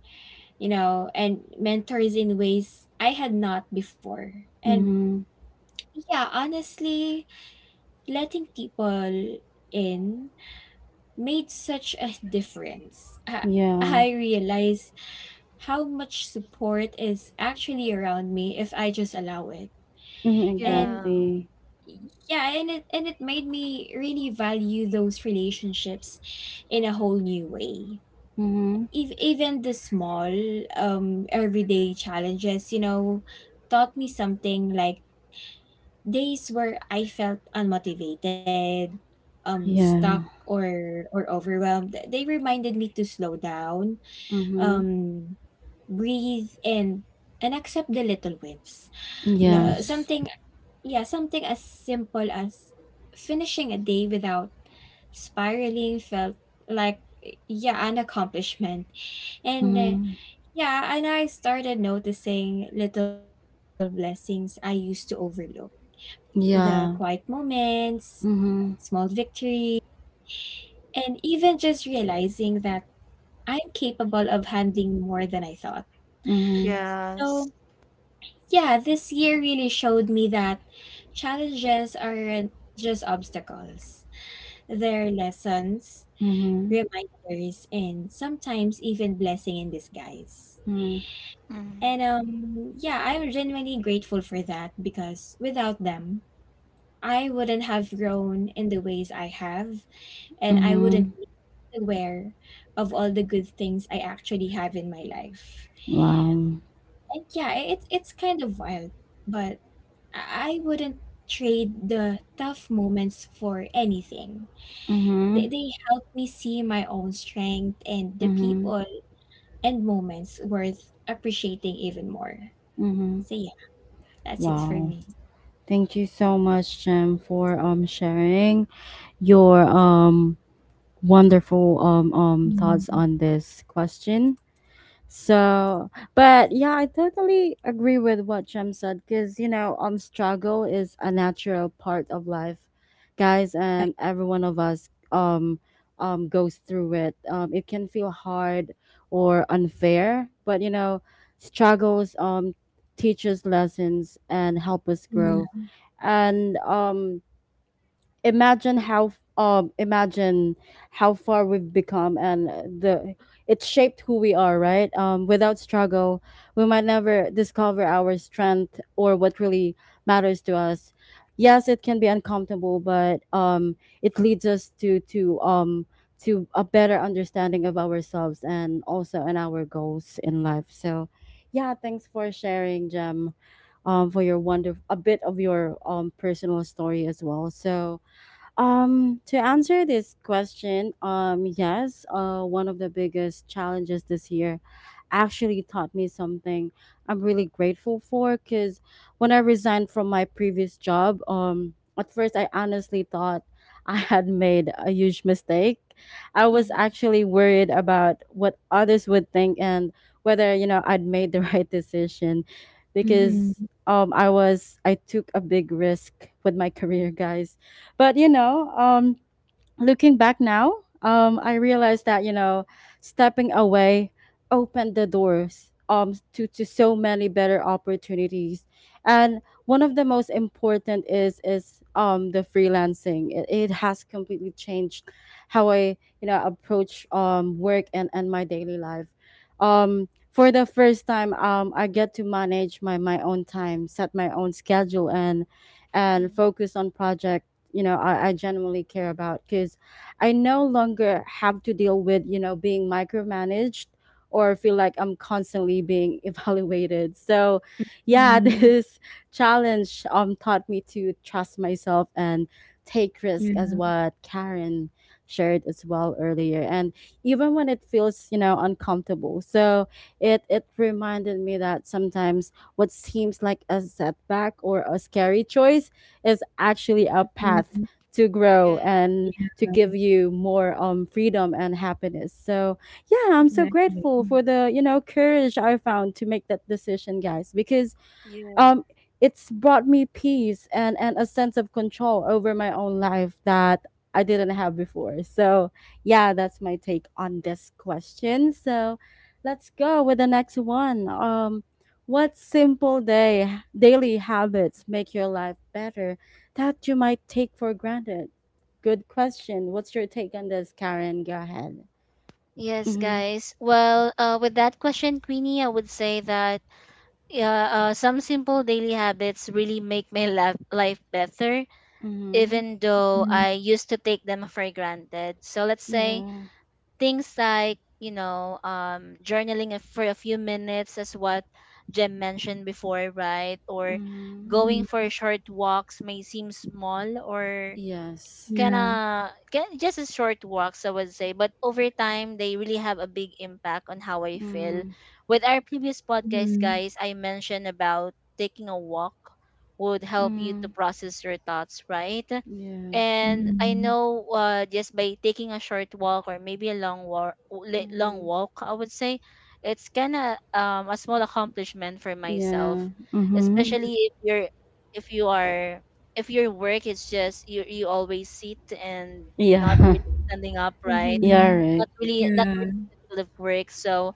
Speaker 3: you know, and mentors in ways I had not before. And
Speaker 1: mhm,
Speaker 3: yeah, honestly, letting people in made such a difference.
Speaker 1: yeah,
Speaker 3: I realized how much support is actually around me if I just allow it.
Speaker 1: mhm,
Speaker 3: And
Speaker 2: Yeah.
Speaker 1: exactly,
Speaker 3: yeah, and it made me really value those relationships in a whole new way.
Speaker 1: mhm,
Speaker 3: Even the small everyday challenges, you know, taught me something. Like days where I felt unmotivated, stuck
Speaker 1: yeah,
Speaker 3: or overwhelmed. They reminded me to slow down,
Speaker 1: mhm,
Speaker 3: um breathe in, and accept the little wins. you know uh,
Speaker 2: Mm.
Speaker 1: yes,
Speaker 3: something yeah, something as simple as finishing a day without spiraling felt like, yeah, an accomplishment. And
Speaker 1: mhm,
Speaker 3: yeah, and I started noticing little blessings I used to overlook, the quiet
Speaker 1: yeah,
Speaker 3: moments, small
Speaker 1: mhm,
Speaker 3: victories, and even just realizing that I'm capable of handling more than I thought.
Speaker 1: mhm,
Speaker 2: Yes.
Speaker 3: So yeah, this year really showed me that challenges aren't just obstacles. They're lessons,
Speaker 1: mhm,
Speaker 3: reminders, and sometimes even blessing in disguise.
Speaker 1: mhm,
Speaker 2: Mm.
Speaker 3: And yeah, I'm genuinely grateful for that, because without them, I wouldn't have grown in the ways I have, and I wouldn't
Speaker 1: mhm,
Speaker 3: be aware of all the good things I actually have in my life.
Speaker 1: wow,
Speaker 3: And yeah, it's kind of wild, but I wouldn't trade the tough moments for anything. They
Speaker 1: mhm,
Speaker 3: they help me see my own strength and the
Speaker 1: mhm,
Speaker 3: people and moments worth appreciating even more.
Speaker 1: mhm,
Speaker 3: So yeah, that's it for
Speaker 1: wow.
Speaker 3: me.
Speaker 1: Thank you so much, Jem, for sharing your wonderful thoughts
Speaker 3: Mm,
Speaker 1: on this question. So, but yeah, I totally agree with what Jem said, because struggle is a natural part of life, guys, and every one of us goes through it. It can feel hard or unfair, but, struggles teach us lessons and help us
Speaker 3: yeah.
Speaker 1: grow, and imagine how imagine how far we've become, and the it shaped who we are, right? Without struggle, we might never discover our strength or what really matters to us. Yes, it can be uncomfortable, but it leads us to a better understanding of ourselves and also and our goals in life. So yeah, thanks for sharing, Jem, for your wonder a bit of your personal story as well. So, to answer this question, yes, one of the biggest challenges this year actually taught me something I'm really grateful for, because when I resigned from my previous job, at first I honestly thought I had made a huge mistake. I was
Speaker 2: Mhm.
Speaker 1: actually worried about what others would think, and whether, I'd made the right decision, because
Speaker 3: Mm-hmm.
Speaker 1: I took a big risk with my career, guys. But, looking back now, I realized that, stepping away opened the doors to so many better opportunities, and one of the most important is the freelancing. It has completely changed how I, approach work and my daily life. For the first time, I get to manage my own time, set my own schedule, and
Speaker 2: Mhm.
Speaker 1: focus on projects, I genuinely care about, because I no longer have to deal with, being micromanaged, or feel like I'm constantly being evaluated. So yeah, this challenge taught me to trust myself and take risk, as what Karen shared as well earlier, and even when it feels, uncomfortable. So it reminded me that sometimes what seems like a setback or a scary choice is actually a
Speaker 3: Mm-hmm.
Speaker 1: path to grow,
Speaker 2: Yeah.
Speaker 1: and to give you more freedom and happiness. So yeah, I'm so
Speaker 3: Exactly.
Speaker 1: grateful for the, courage I found to make that decision, guys, because
Speaker 2: Yeah.
Speaker 1: um it's brought me peace and a sense of control over my own life that I didn't have before. So, yeah, that's my take on this question. So, let's go with the next one. What simple day daily habits make your life better that you might take for granted? Good question. What's your take on this, Karen? Go ahead.
Speaker 2: Yes,
Speaker 1: Mhm.
Speaker 2: guys. Well, with that question, Queenie, I would say that yeah, some simple daily habits really make my life better,
Speaker 1: Mhm.
Speaker 2: even though
Speaker 3: Mm-hmm.
Speaker 2: I used to take them for granted. So let's say
Speaker 1: Yeah.
Speaker 2: things like, you know, journaling for a few minutes, as what Jem mentioned before, right? Or
Speaker 1: Mhm.
Speaker 2: going
Speaker 3: Mm-hmm.
Speaker 2: for short walks may seem small, or
Speaker 1: Yes.
Speaker 3: Yeah.
Speaker 2: gonna get just a short walks, I would say, but over time they really have a big impact on how I feel.
Speaker 1: Mhm.
Speaker 2: With our previous podcast,
Speaker 3: Mm-hmm.
Speaker 2: guys, I mentioned about taking a walk would help you to process your thoughts, right?
Speaker 1: Yes.
Speaker 2: And I
Speaker 3: Mm-hmm.
Speaker 2: know just by taking a short walk or maybe a long walk, long
Speaker 1: Mm-hmm.
Speaker 2: walk, I would say, it's kind of a small accomplishment for
Speaker 1: Yeah.
Speaker 2: myself,
Speaker 1: Mm-hmm.
Speaker 2: especially if you're if you Yeah. are, if your work is just you always sit and not
Speaker 1: Yeah.
Speaker 2: really standing up, right?
Speaker 1: yeah,
Speaker 3: Mm-hmm.
Speaker 1: right.
Speaker 2: Not really,
Speaker 3: Yeah.
Speaker 2: in the field of work, so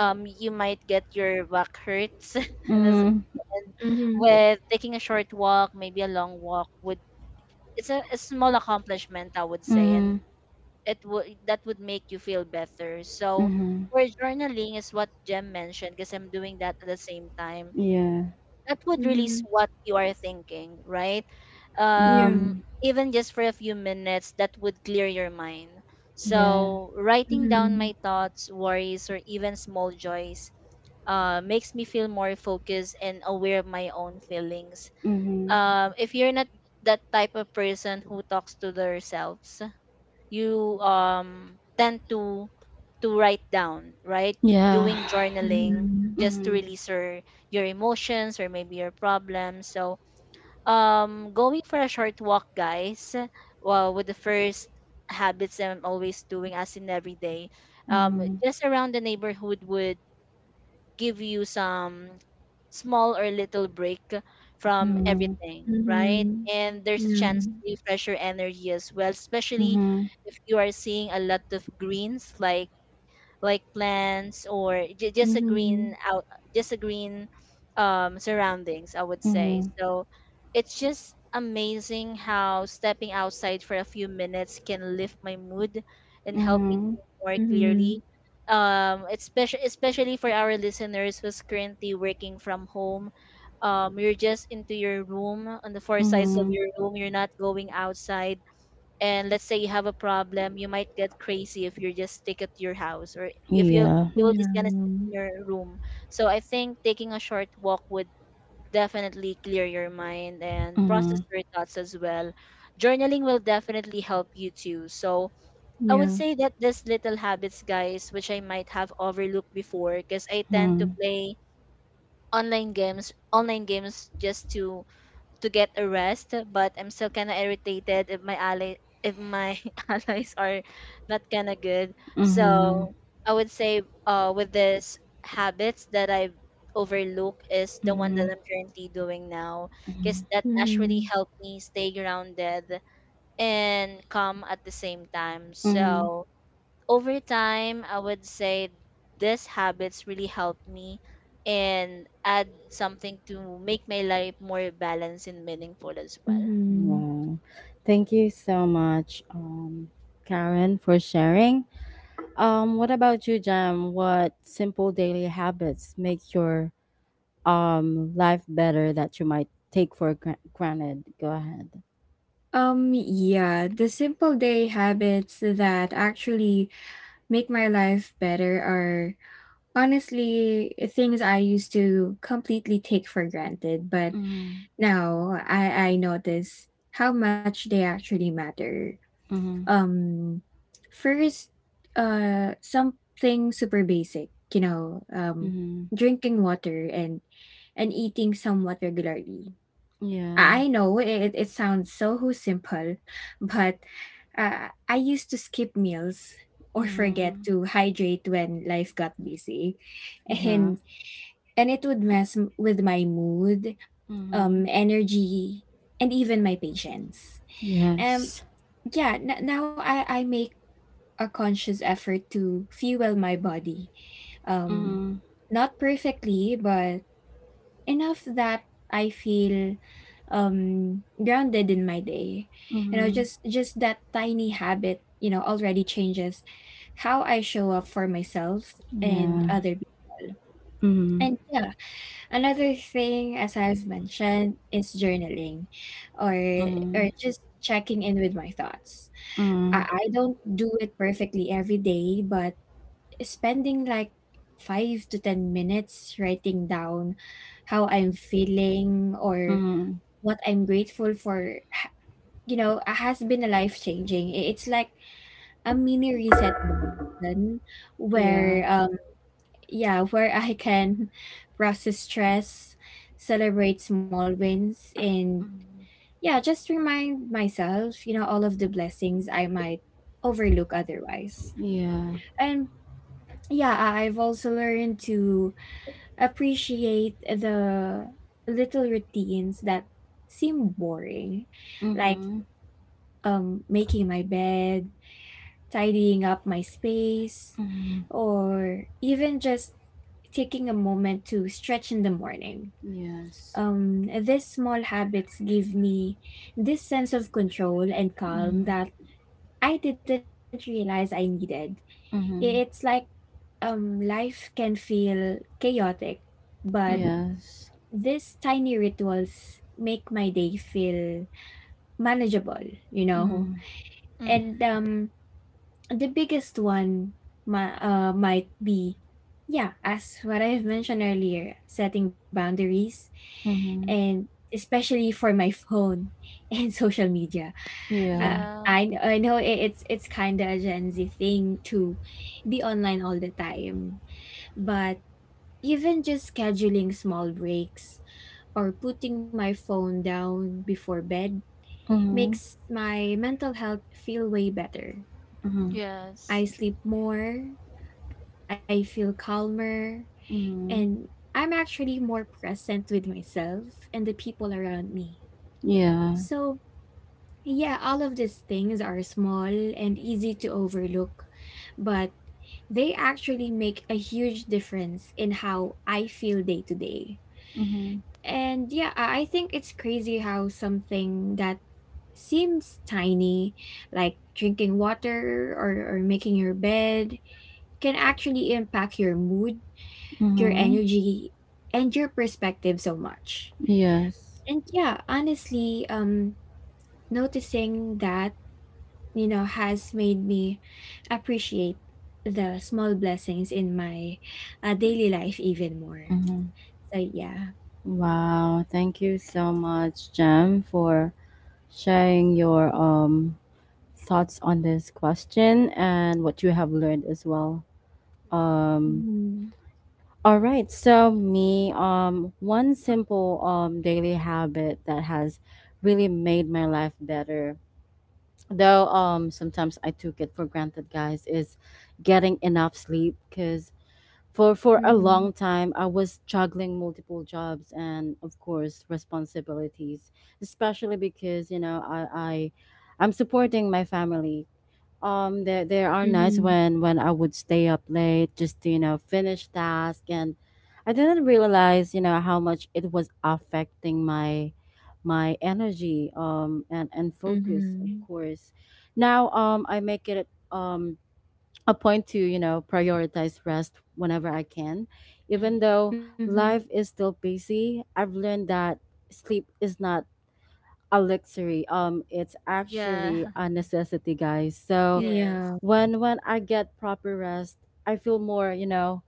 Speaker 2: you might get your back hurts and, as-
Speaker 1: Mm-hmm.
Speaker 2: and
Speaker 3: Mm-hmm.
Speaker 2: with taking a short walk, maybe a long walk would, it's a small accomplishment, I would say, and
Speaker 1: Mm-hmm.
Speaker 2: it would, that would make you feel better. So
Speaker 1: Mm-hmm.
Speaker 2: for journaling is what Jem mentioned, because I'm doing that at the same time,
Speaker 1: Yeah.
Speaker 2: that would release
Speaker 3: Mm-hmm.
Speaker 2: what you are thinking, right?
Speaker 3: Yeah.
Speaker 1: Mm-hmm.
Speaker 2: Um, even just for a few minutes, that would clear your mind.
Speaker 1: Yeah.
Speaker 2: So, writing down
Speaker 3: Mm-hmm.
Speaker 2: my thoughts, worries, or even small joys makes me feel more focused and aware of my own feelings.
Speaker 1: Mm-hmm.
Speaker 2: If you're not that type of person who talks to themselves, you tend to write down, right?
Speaker 1: Yeah.
Speaker 2: Doing journaling
Speaker 3: Mm-hmm.
Speaker 2: just to
Speaker 1: Mm-hmm.
Speaker 2: release your emotions or maybe your problems. So, going for a short walk, guys, well, with the first habits I'm always doing as in every day,
Speaker 1: Mm-hmm.
Speaker 2: just around the neighborhood would give you some small or little break from
Speaker 1: Mm-hmm.
Speaker 2: everything, right?
Speaker 3: Mhm.
Speaker 2: And there's a
Speaker 3: Yeah.
Speaker 2: chance to refresh your energy as well, especially
Speaker 1: Mm-hmm.
Speaker 2: if you are seeing a lot of greens, like plants, or just a green
Speaker 3: Mhm.
Speaker 2: out, just a green surroundings, I would say.
Speaker 1: Mm-hmm.
Speaker 2: So it's just amazing how stepping outside for a few minutes can lift my mood and help me
Speaker 1: Mm-hmm.
Speaker 2: think more
Speaker 3: Mhm.
Speaker 2: clearly. Um, especially for our listeners who's currently working from home, um, you're just into your room, on the four sides of
Speaker 1: Mm-hmm.
Speaker 2: your room, you're not going outside, and let's say you have a problem, you might get crazy if you're just stick at your house, or if you
Speaker 1: Yeah.
Speaker 2: you're just gonna stay
Speaker 3: Yeah.
Speaker 2: in your room. So I think taking a short walk would definitely clear your mind and process
Speaker 1: Mm-hmm.
Speaker 2: your thoughts as well. Journaling will definitely help you too. So I
Speaker 3: Yeah.
Speaker 2: would say that these little habits, guys, which I might have overlooked before, because I tend to
Speaker 1: Mm-hmm.
Speaker 2: play online games, online games, just to get a rest, but I'm still kind of irritated if my ally, if my allies are not kind of good.
Speaker 1: Mm-hmm.
Speaker 2: So I would say with this habits that I overlook is the one that I'm currently doing now, because
Speaker 1: Mm-hmm.
Speaker 2: that actually
Speaker 3: Mhm.
Speaker 2: helped me stay grounded and calm at the same time.
Speaker 1: Mm-hmm.
Speaker 2: So over time, I would say these habits really help me and add something to make my life more balanced and meaningful as well.
Speaker 3: Mhm.
Speaker 1: Wow. Thank you so much, Karen, for sharing. What about you, Jam? What simple daily habits make your life better that you might take for granted? Go ahead.
Speaker 3: Yeah, the simple day habits that actually make my life better are honestly things I used to completely take for granted, but
Speaker 1: Mm-hmm.
Speaker 3: now I notice how much they actually matter.
Speaker 1: Mm-hmm.
Speaker 3: Um, first, something super basic, you know,
Speaker 1: Mm-hmm.
Speaker 3: drinking water and eating somewhat regularly. I
Speaker 1: Yeah.
Speaker 3: I know it sounds so simple, but I used to skip meals or forget
Speaker 1: Mm-hmm.
Speaker 3: to hydrate when life got busy,
Speaker 1: Yeah.
Speaker 3: and it would mess with my mood,
Speaker 1: Mm-hmm.
Speaker 3: energy, and even my patience. Um,
Speaker 1: Yes.
Speaker 3: yeah, now I make a conscious effort to fuel my body, um,
Speaker 1: Mm-hmm.
Speaker 3: not perfectly, but enough that I feel grounded in my day. You know,
Speaker 1: Mm-hmm.
Speaker 3: just that tiny habit, you know, already changes how I show up for myself and
Speaker 1: Yeah.
Speaker 3: other people.
Speaker 1: Mm-hmm.
Speaker 3: And yeah, another thing, as I've mentioned, is journaling, or
Speaker 1: Mm-hmm.
Speaker 3: just checking in with my thoughts. I,
Speaker 1: Mm-hmm.
Speaker 3: I don't do it perfectly every day, but spending like five to 10 minutes writing down how I'm feeling or
Speaker 1: Mm-hmm.
Speaker 3: what I'm grateful for, you know, has been a life changing. It's like a mini reset button where,
Speaker 1: Yeah.
Speaker 3: yeah, where I can process stress, celebrate small wins, and
Speaker 1: Mm-hmm.
Speaker 3: yeah, just remind myself, you know, all of the blessings I might overlook otherwise.
Speaker 1: Yeah.
Speaker 3: And yeah, I've also learned to appreciate the little routines that seem boring, like
Speaker 1: Mm-hmm.
Speaker 3: making my bed, tidying up my space,
Speaker 1: Mm-hmm.
Speaker 3: or even just taking a moment to stretch in the morning.
Speaker 1: Yes.
Speaker 3: These small habits give me this sense of control and calm
Speaker 1: Mm-hmm.
Speaker 3: that I didn't realize I needed. It's
Speaker 1: Mm-hmm.
Speaker 3: like, life can feel chaotic, but
Speaker 2: Mm-hmm.
Speaker 1: Yes.
Speaker 3: these tiny rituals make my day feel manageable, you know.
Speaker 1: Mm-hmm.
Speaker 2: Mm-hmm.
Speaker 3: And the biggest one, might be, yeah, as what I've mentioned earlier, setting boundaries,
Speaker 1: Mhm.
Speaker 3: and especially for my phone and social media.
Speaker 1: Yeah.
Speaker 3: Uh,
Speaker 2: Yeah.
Speaker 3: I know it's kind of a Gen Z thing to be online all the time, but even just scheduling small breaks or putting my phone down before bed
Speaker 1: Mhm.
Speaker 3: makes my mental health feel way better.
Speaker 1: Mhm.
Speaker 2: Yes.
Speaker 3: I sleep more, I feel calmer, and
Speaker 1: Mhm.
Speaker 3: I'm actually more present with myself and the people around me.
Speaker 1: Yeah.
Speaker 3: So, yeah, all of these things are small and easy to overlook, but they actually make a huge difference in how I feel day to day.
Speaker 1: Mhm.
Speaker 3: And yeah, I think it's crazy how something that seems tiny, like drinking water, or making your bed, can actually impact your mood, your
Speaker 1: Mhm.
Speaker 3: energy, and your perspective so much.
Speaker 1: Yes.
Speaker 3: And yeah, honestly, noticing that, you know, has made me appreciate the small blessings in my daily life even more.
Speaker 1: Mhm.
Speaker 3: So yeah.
Speaker 1: Wow. Thank you so much, Jem, for sharing your thoughts on this question and what you have learned as well. Um.
Speaker 3: Mm-hmm.
Speaker 1: All right. So me. One simple daily habit that has really made my life better, though sometimes I took it for granted, guys, is getting enough sleep. Because for a
Speaker 3: Mm-hmm.
Speaker 1: long time I was juggling multiple jobs and, of course, responsibilities, especially because, I'm supporting my family. There are
Speaker 3: Mm-hmm.
Speaker 1: nights when I would stay up late just to, finish task, and I didn't realize, how much it was affecting my energy, and focus, of
Speaker 3: Mm-hmm.
Speaker 1: course. Now, I make it a point to, prioritize rest whenever I can, even
Speaker 2: Hmm.
Speaker 1: though
Speaker 3: Mm-hmm.
Speaker 1: life is still busy. I've learned that sleep is not a luxury. It's
Speaker 2: Yeah.
Speaker 1: actually a necessity, guys. So
Speaker 3: Yeah.
Speaker 2: Yes.
Speaker 1: when I get proper rest, I feel more,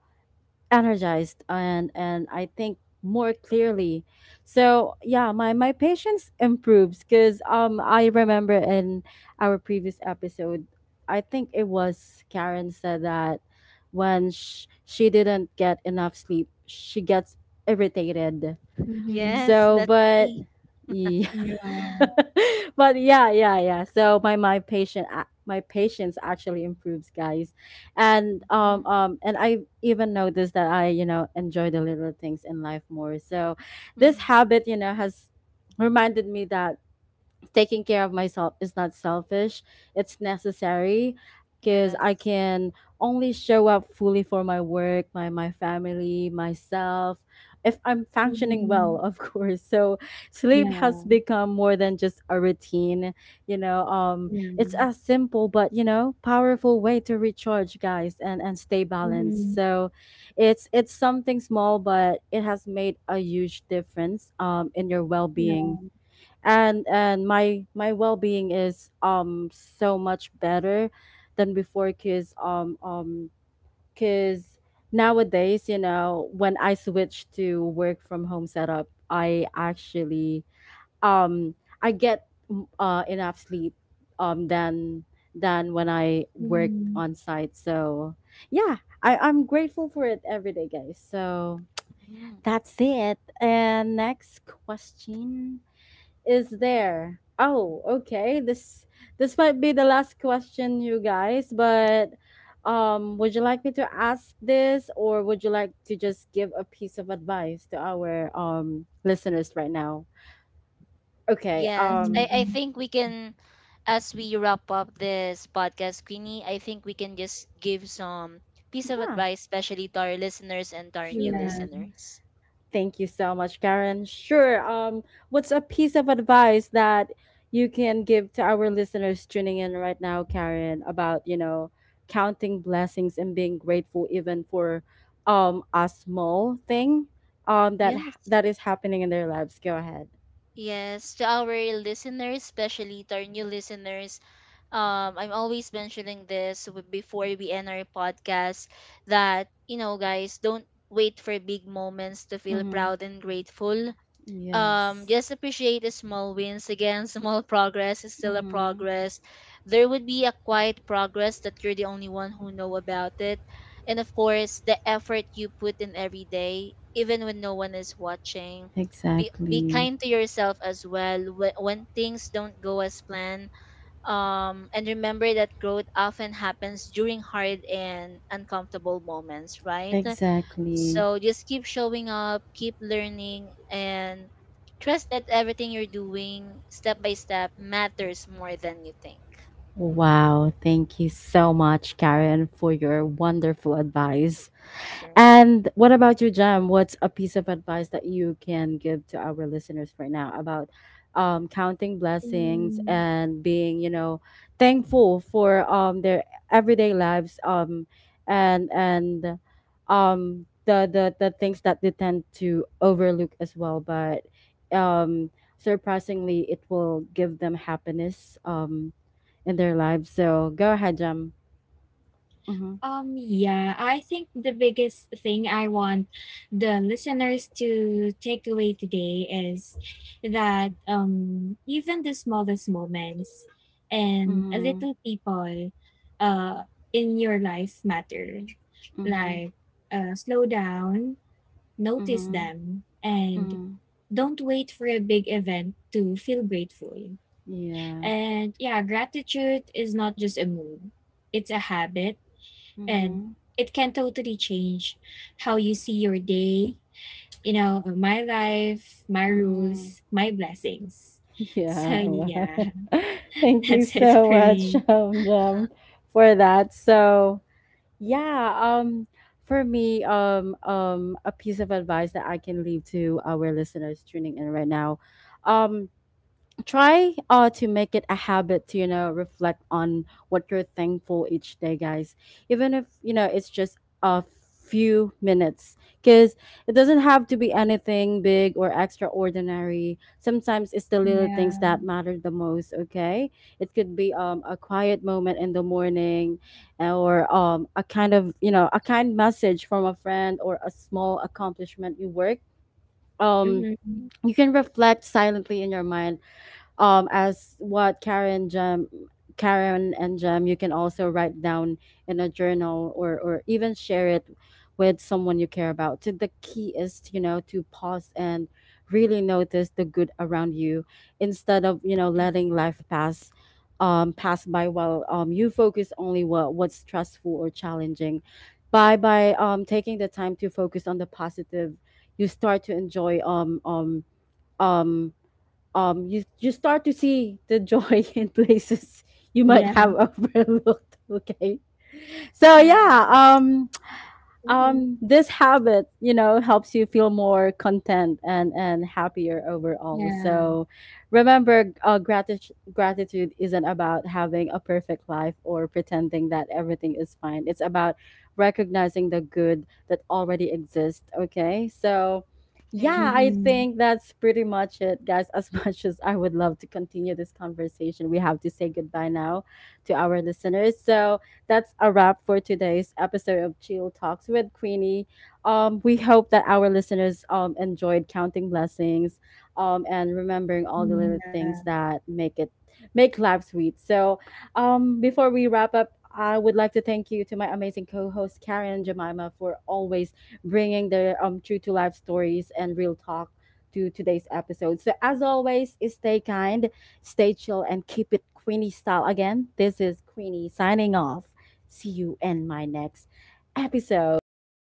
Speaker 1: energized, and I think more clearly. So yeah, my patience improves, because I remember in our previous episode, I think it was Karen said that when she didn't get enough sleep, she gets irritated.
Speaker 3: Mm-hmm.
Speaker 2: Yes,
Speaker 1: So,
Speaker 2: that's
Speaker 1: but
Speaker 2: me.
Speaker 3: Yeah.
Speaker 1: but yeah, yeah, yeah. So my patience actually improves, guys, and
Speaker 2: Mm.
Speaker 1: I even noticed that I, enjoy the little things in life more. So this
Speaker 2: Mm-hmm.
Speaker 1: habit has reminded me that taking care of myself is not selfish, it's necessary, because
Speaker 2: Yes.
Speaker 1: I can only show up fully for my work, my family, myself, if I'm functioning
Speaker 3: Mhm.
Speaker 1: well, of course. So sleep has
Speaker 3: Yeah.
Speaker 1: become more than just a routine, you know um
Speaker 3: Yeah.
Speaker 1: it's a simple but powerful way to recharge, guys, and stay balanced.
Speaker 3: Mhm.
Speaker 1: So it's something small, but it has made a huge difference in your
Speaker 3: Yeah.
Speaker 1: well-being. And my well-being is so much better than before, cuz cuz nowadays, when I switch to work from home setup, I actually um I get enough sleep um than than when I
Speaker 3: Mhm.
Speaker 1: worked on site. So yeah, I'm grateful for it every day, guys. So
Speaker 2: Mm.
Speaker 1: that's it, and next question. Is there? Oh, okay. This might be the last question, you guys, but would you like me to ask this, or would you like to just give a piece of advice to our listeners right now? Okay,
Speaker 2: Yes, I, I
Speaker 3: Mhm.
Speaker 2: think we can, as we wrap up this podcast, Queenie, I think we can just give some piece of
Speaker 1: yeah,
Speaker 2: advice, especially to our listeners and to our new
Speaker 3: Yeah.
Speaker 1: sure.
Speaker 2: listeners.
Speaker 1: Thank you so much, Karen. Sure. What's a piece of advice that you can give to our listeners tuning in right now, Karen, about, counting blessings and being grateful, even for a small thing that
Speaker 2: Yes.
Speaker 1: that is happening in their lives? Go ahead.
Speaker 2: Yes, to our listeners, especially to our new listeners, I'm always mentioning this before we end our podcast that, you know, guys, don't wait for big moments to feel
Speaker 1: Mm-hmm.
Speaker 2: proud and grateful. Um,
Speaker 1: Yes.
Speaker 2: just appreciate the small wins. Again, small progress is still a
Speaker 1: Mm-hmm.
Speaker 2: progress. There would be a quiet progress that you're the only one who know about it, and of course the effort you put in every day even when no one is watching. Be
Speaker 1: Exactly.
Speaker 2: kind to yourself as well when things don't go as planned, um, and remember that growth often happens during hard and uncomfortable moments, right?
Speaker 1: Exactly.
Speaker 2: So just keep showing up, keep learning, and trust that everything you're doing step by step matters more than you think.
Speaker 1: Wow. Thank you so much, Karen, for your wonderful advice.
Speaker 2: Sure.
Speaker 1: And what about you, Jam? What's a piece of advice that you can give to our listeners right now about counting blessings
Speaker 3: Mm.
Speaker 1: and being, thankful for their everyday lives, and the things that they tend to overlook as well, but um, surprisingly, it will give them happiness, in their lives. So go ahead, Jam. Mm-hmm.
Speaker 3: Yeah, I think the biggest thing I want the listeners to take away today is that, even the smallest moments and a
Speaker 1: Mm-hmm.
Speaker 3: little people, uh, in your life matter.
Speaker 1: Mm-hmm.
Speaker 3: Like, slow down, notice
Speaker 1: Mm-hmm.
Speaker 3: them, and
Speaker 1: Mm-hmm.
Speaker 3: don't wait for a big event to feel grateful.
Speaker 1: Yeah.
Speaker 3: And yeah, gratitude is not just a mood, it's a habit, and
Speaker 1: Mhm.
Speaker 3: it can totally change how you see your day, you know, my life, my
Speaker 1: Mhm.
Speaker 3: rules, my blessings. So
Speaker 1: Yeah. Wow.
Speaker 3: yeah,
Speaker 1: Thank
Speaker 3: that's
Speaker 1: you
Speaker 3: it for
Speaker 1: so much,
Speaker 3: me.
Speaker 1: Jam, for that. So yeah, for me, a piece of advice that I can leave to our listeners tuning in right now, um, try to make it a habit to reflect on what you're thankful each day, guys, even if it's just a few minutes, because it doesn't have to be anything big or extraordinary. Sometimes it's the little
Speaker 3: Yeah.
Speaker 1: things that matter the most, okay. It could be a quiet moment in the morning, or a kind of, a kind message from a friend, or a small accomplishment you work. um
Speaker 3: Mm-hmm.
Speaker 1: you can reflect silently in your mind, as what Karen and Jam. You can also write down in a journal, or even share it with someone you care about. So the key is, to pause and really notice the good around you, instead of, letting life pass, pass by, while you focus only what what's stressful or challenging. By taking the time to focus on the positive, you start to enjoy um you you start to see the joy in places you might
Speaker 3: Yeah.
Speaker 1: have overlooked, okay. So
Speaker 2: Yeah.
Speaker 1: yeah,
Speaker 3: Mm-hmm.
Speaker 1: this habit, helps you feel more content and happier overall.
Speaker 3: Yeah.
Speaker 1: So remember, gratitude isn't about having a perfect life or pretending that everything is fine. It's about recognizing the good that already exists. Okay, so. Yeah, I
Speaker 2: Yes.
Speaker 3: Mm-hmm.
Speaker 1: think that's pretty much it, guys. As much as I would love to continue this conversation, we have to say goodbye now to our listeners. So that's a wrap for today's episode of Chill Talks with Queenie. We hope that our listeners, enjoyed counting blessings, and remembering all
Speaker 3: Mm-hmm.
Speaker 1: the little
Speaker 3: Yeah.
Speaker 1: things that make life sweet. So before we wrap up, I would like to thank you to my amazing co-host Karen and Jemima for always bringing the, true to life stories and real talk to today's episode. So as always, stay kind, stay chill, and keep it Queenie style. Again, this is Queenie signing off. See you in my next episode. Bye.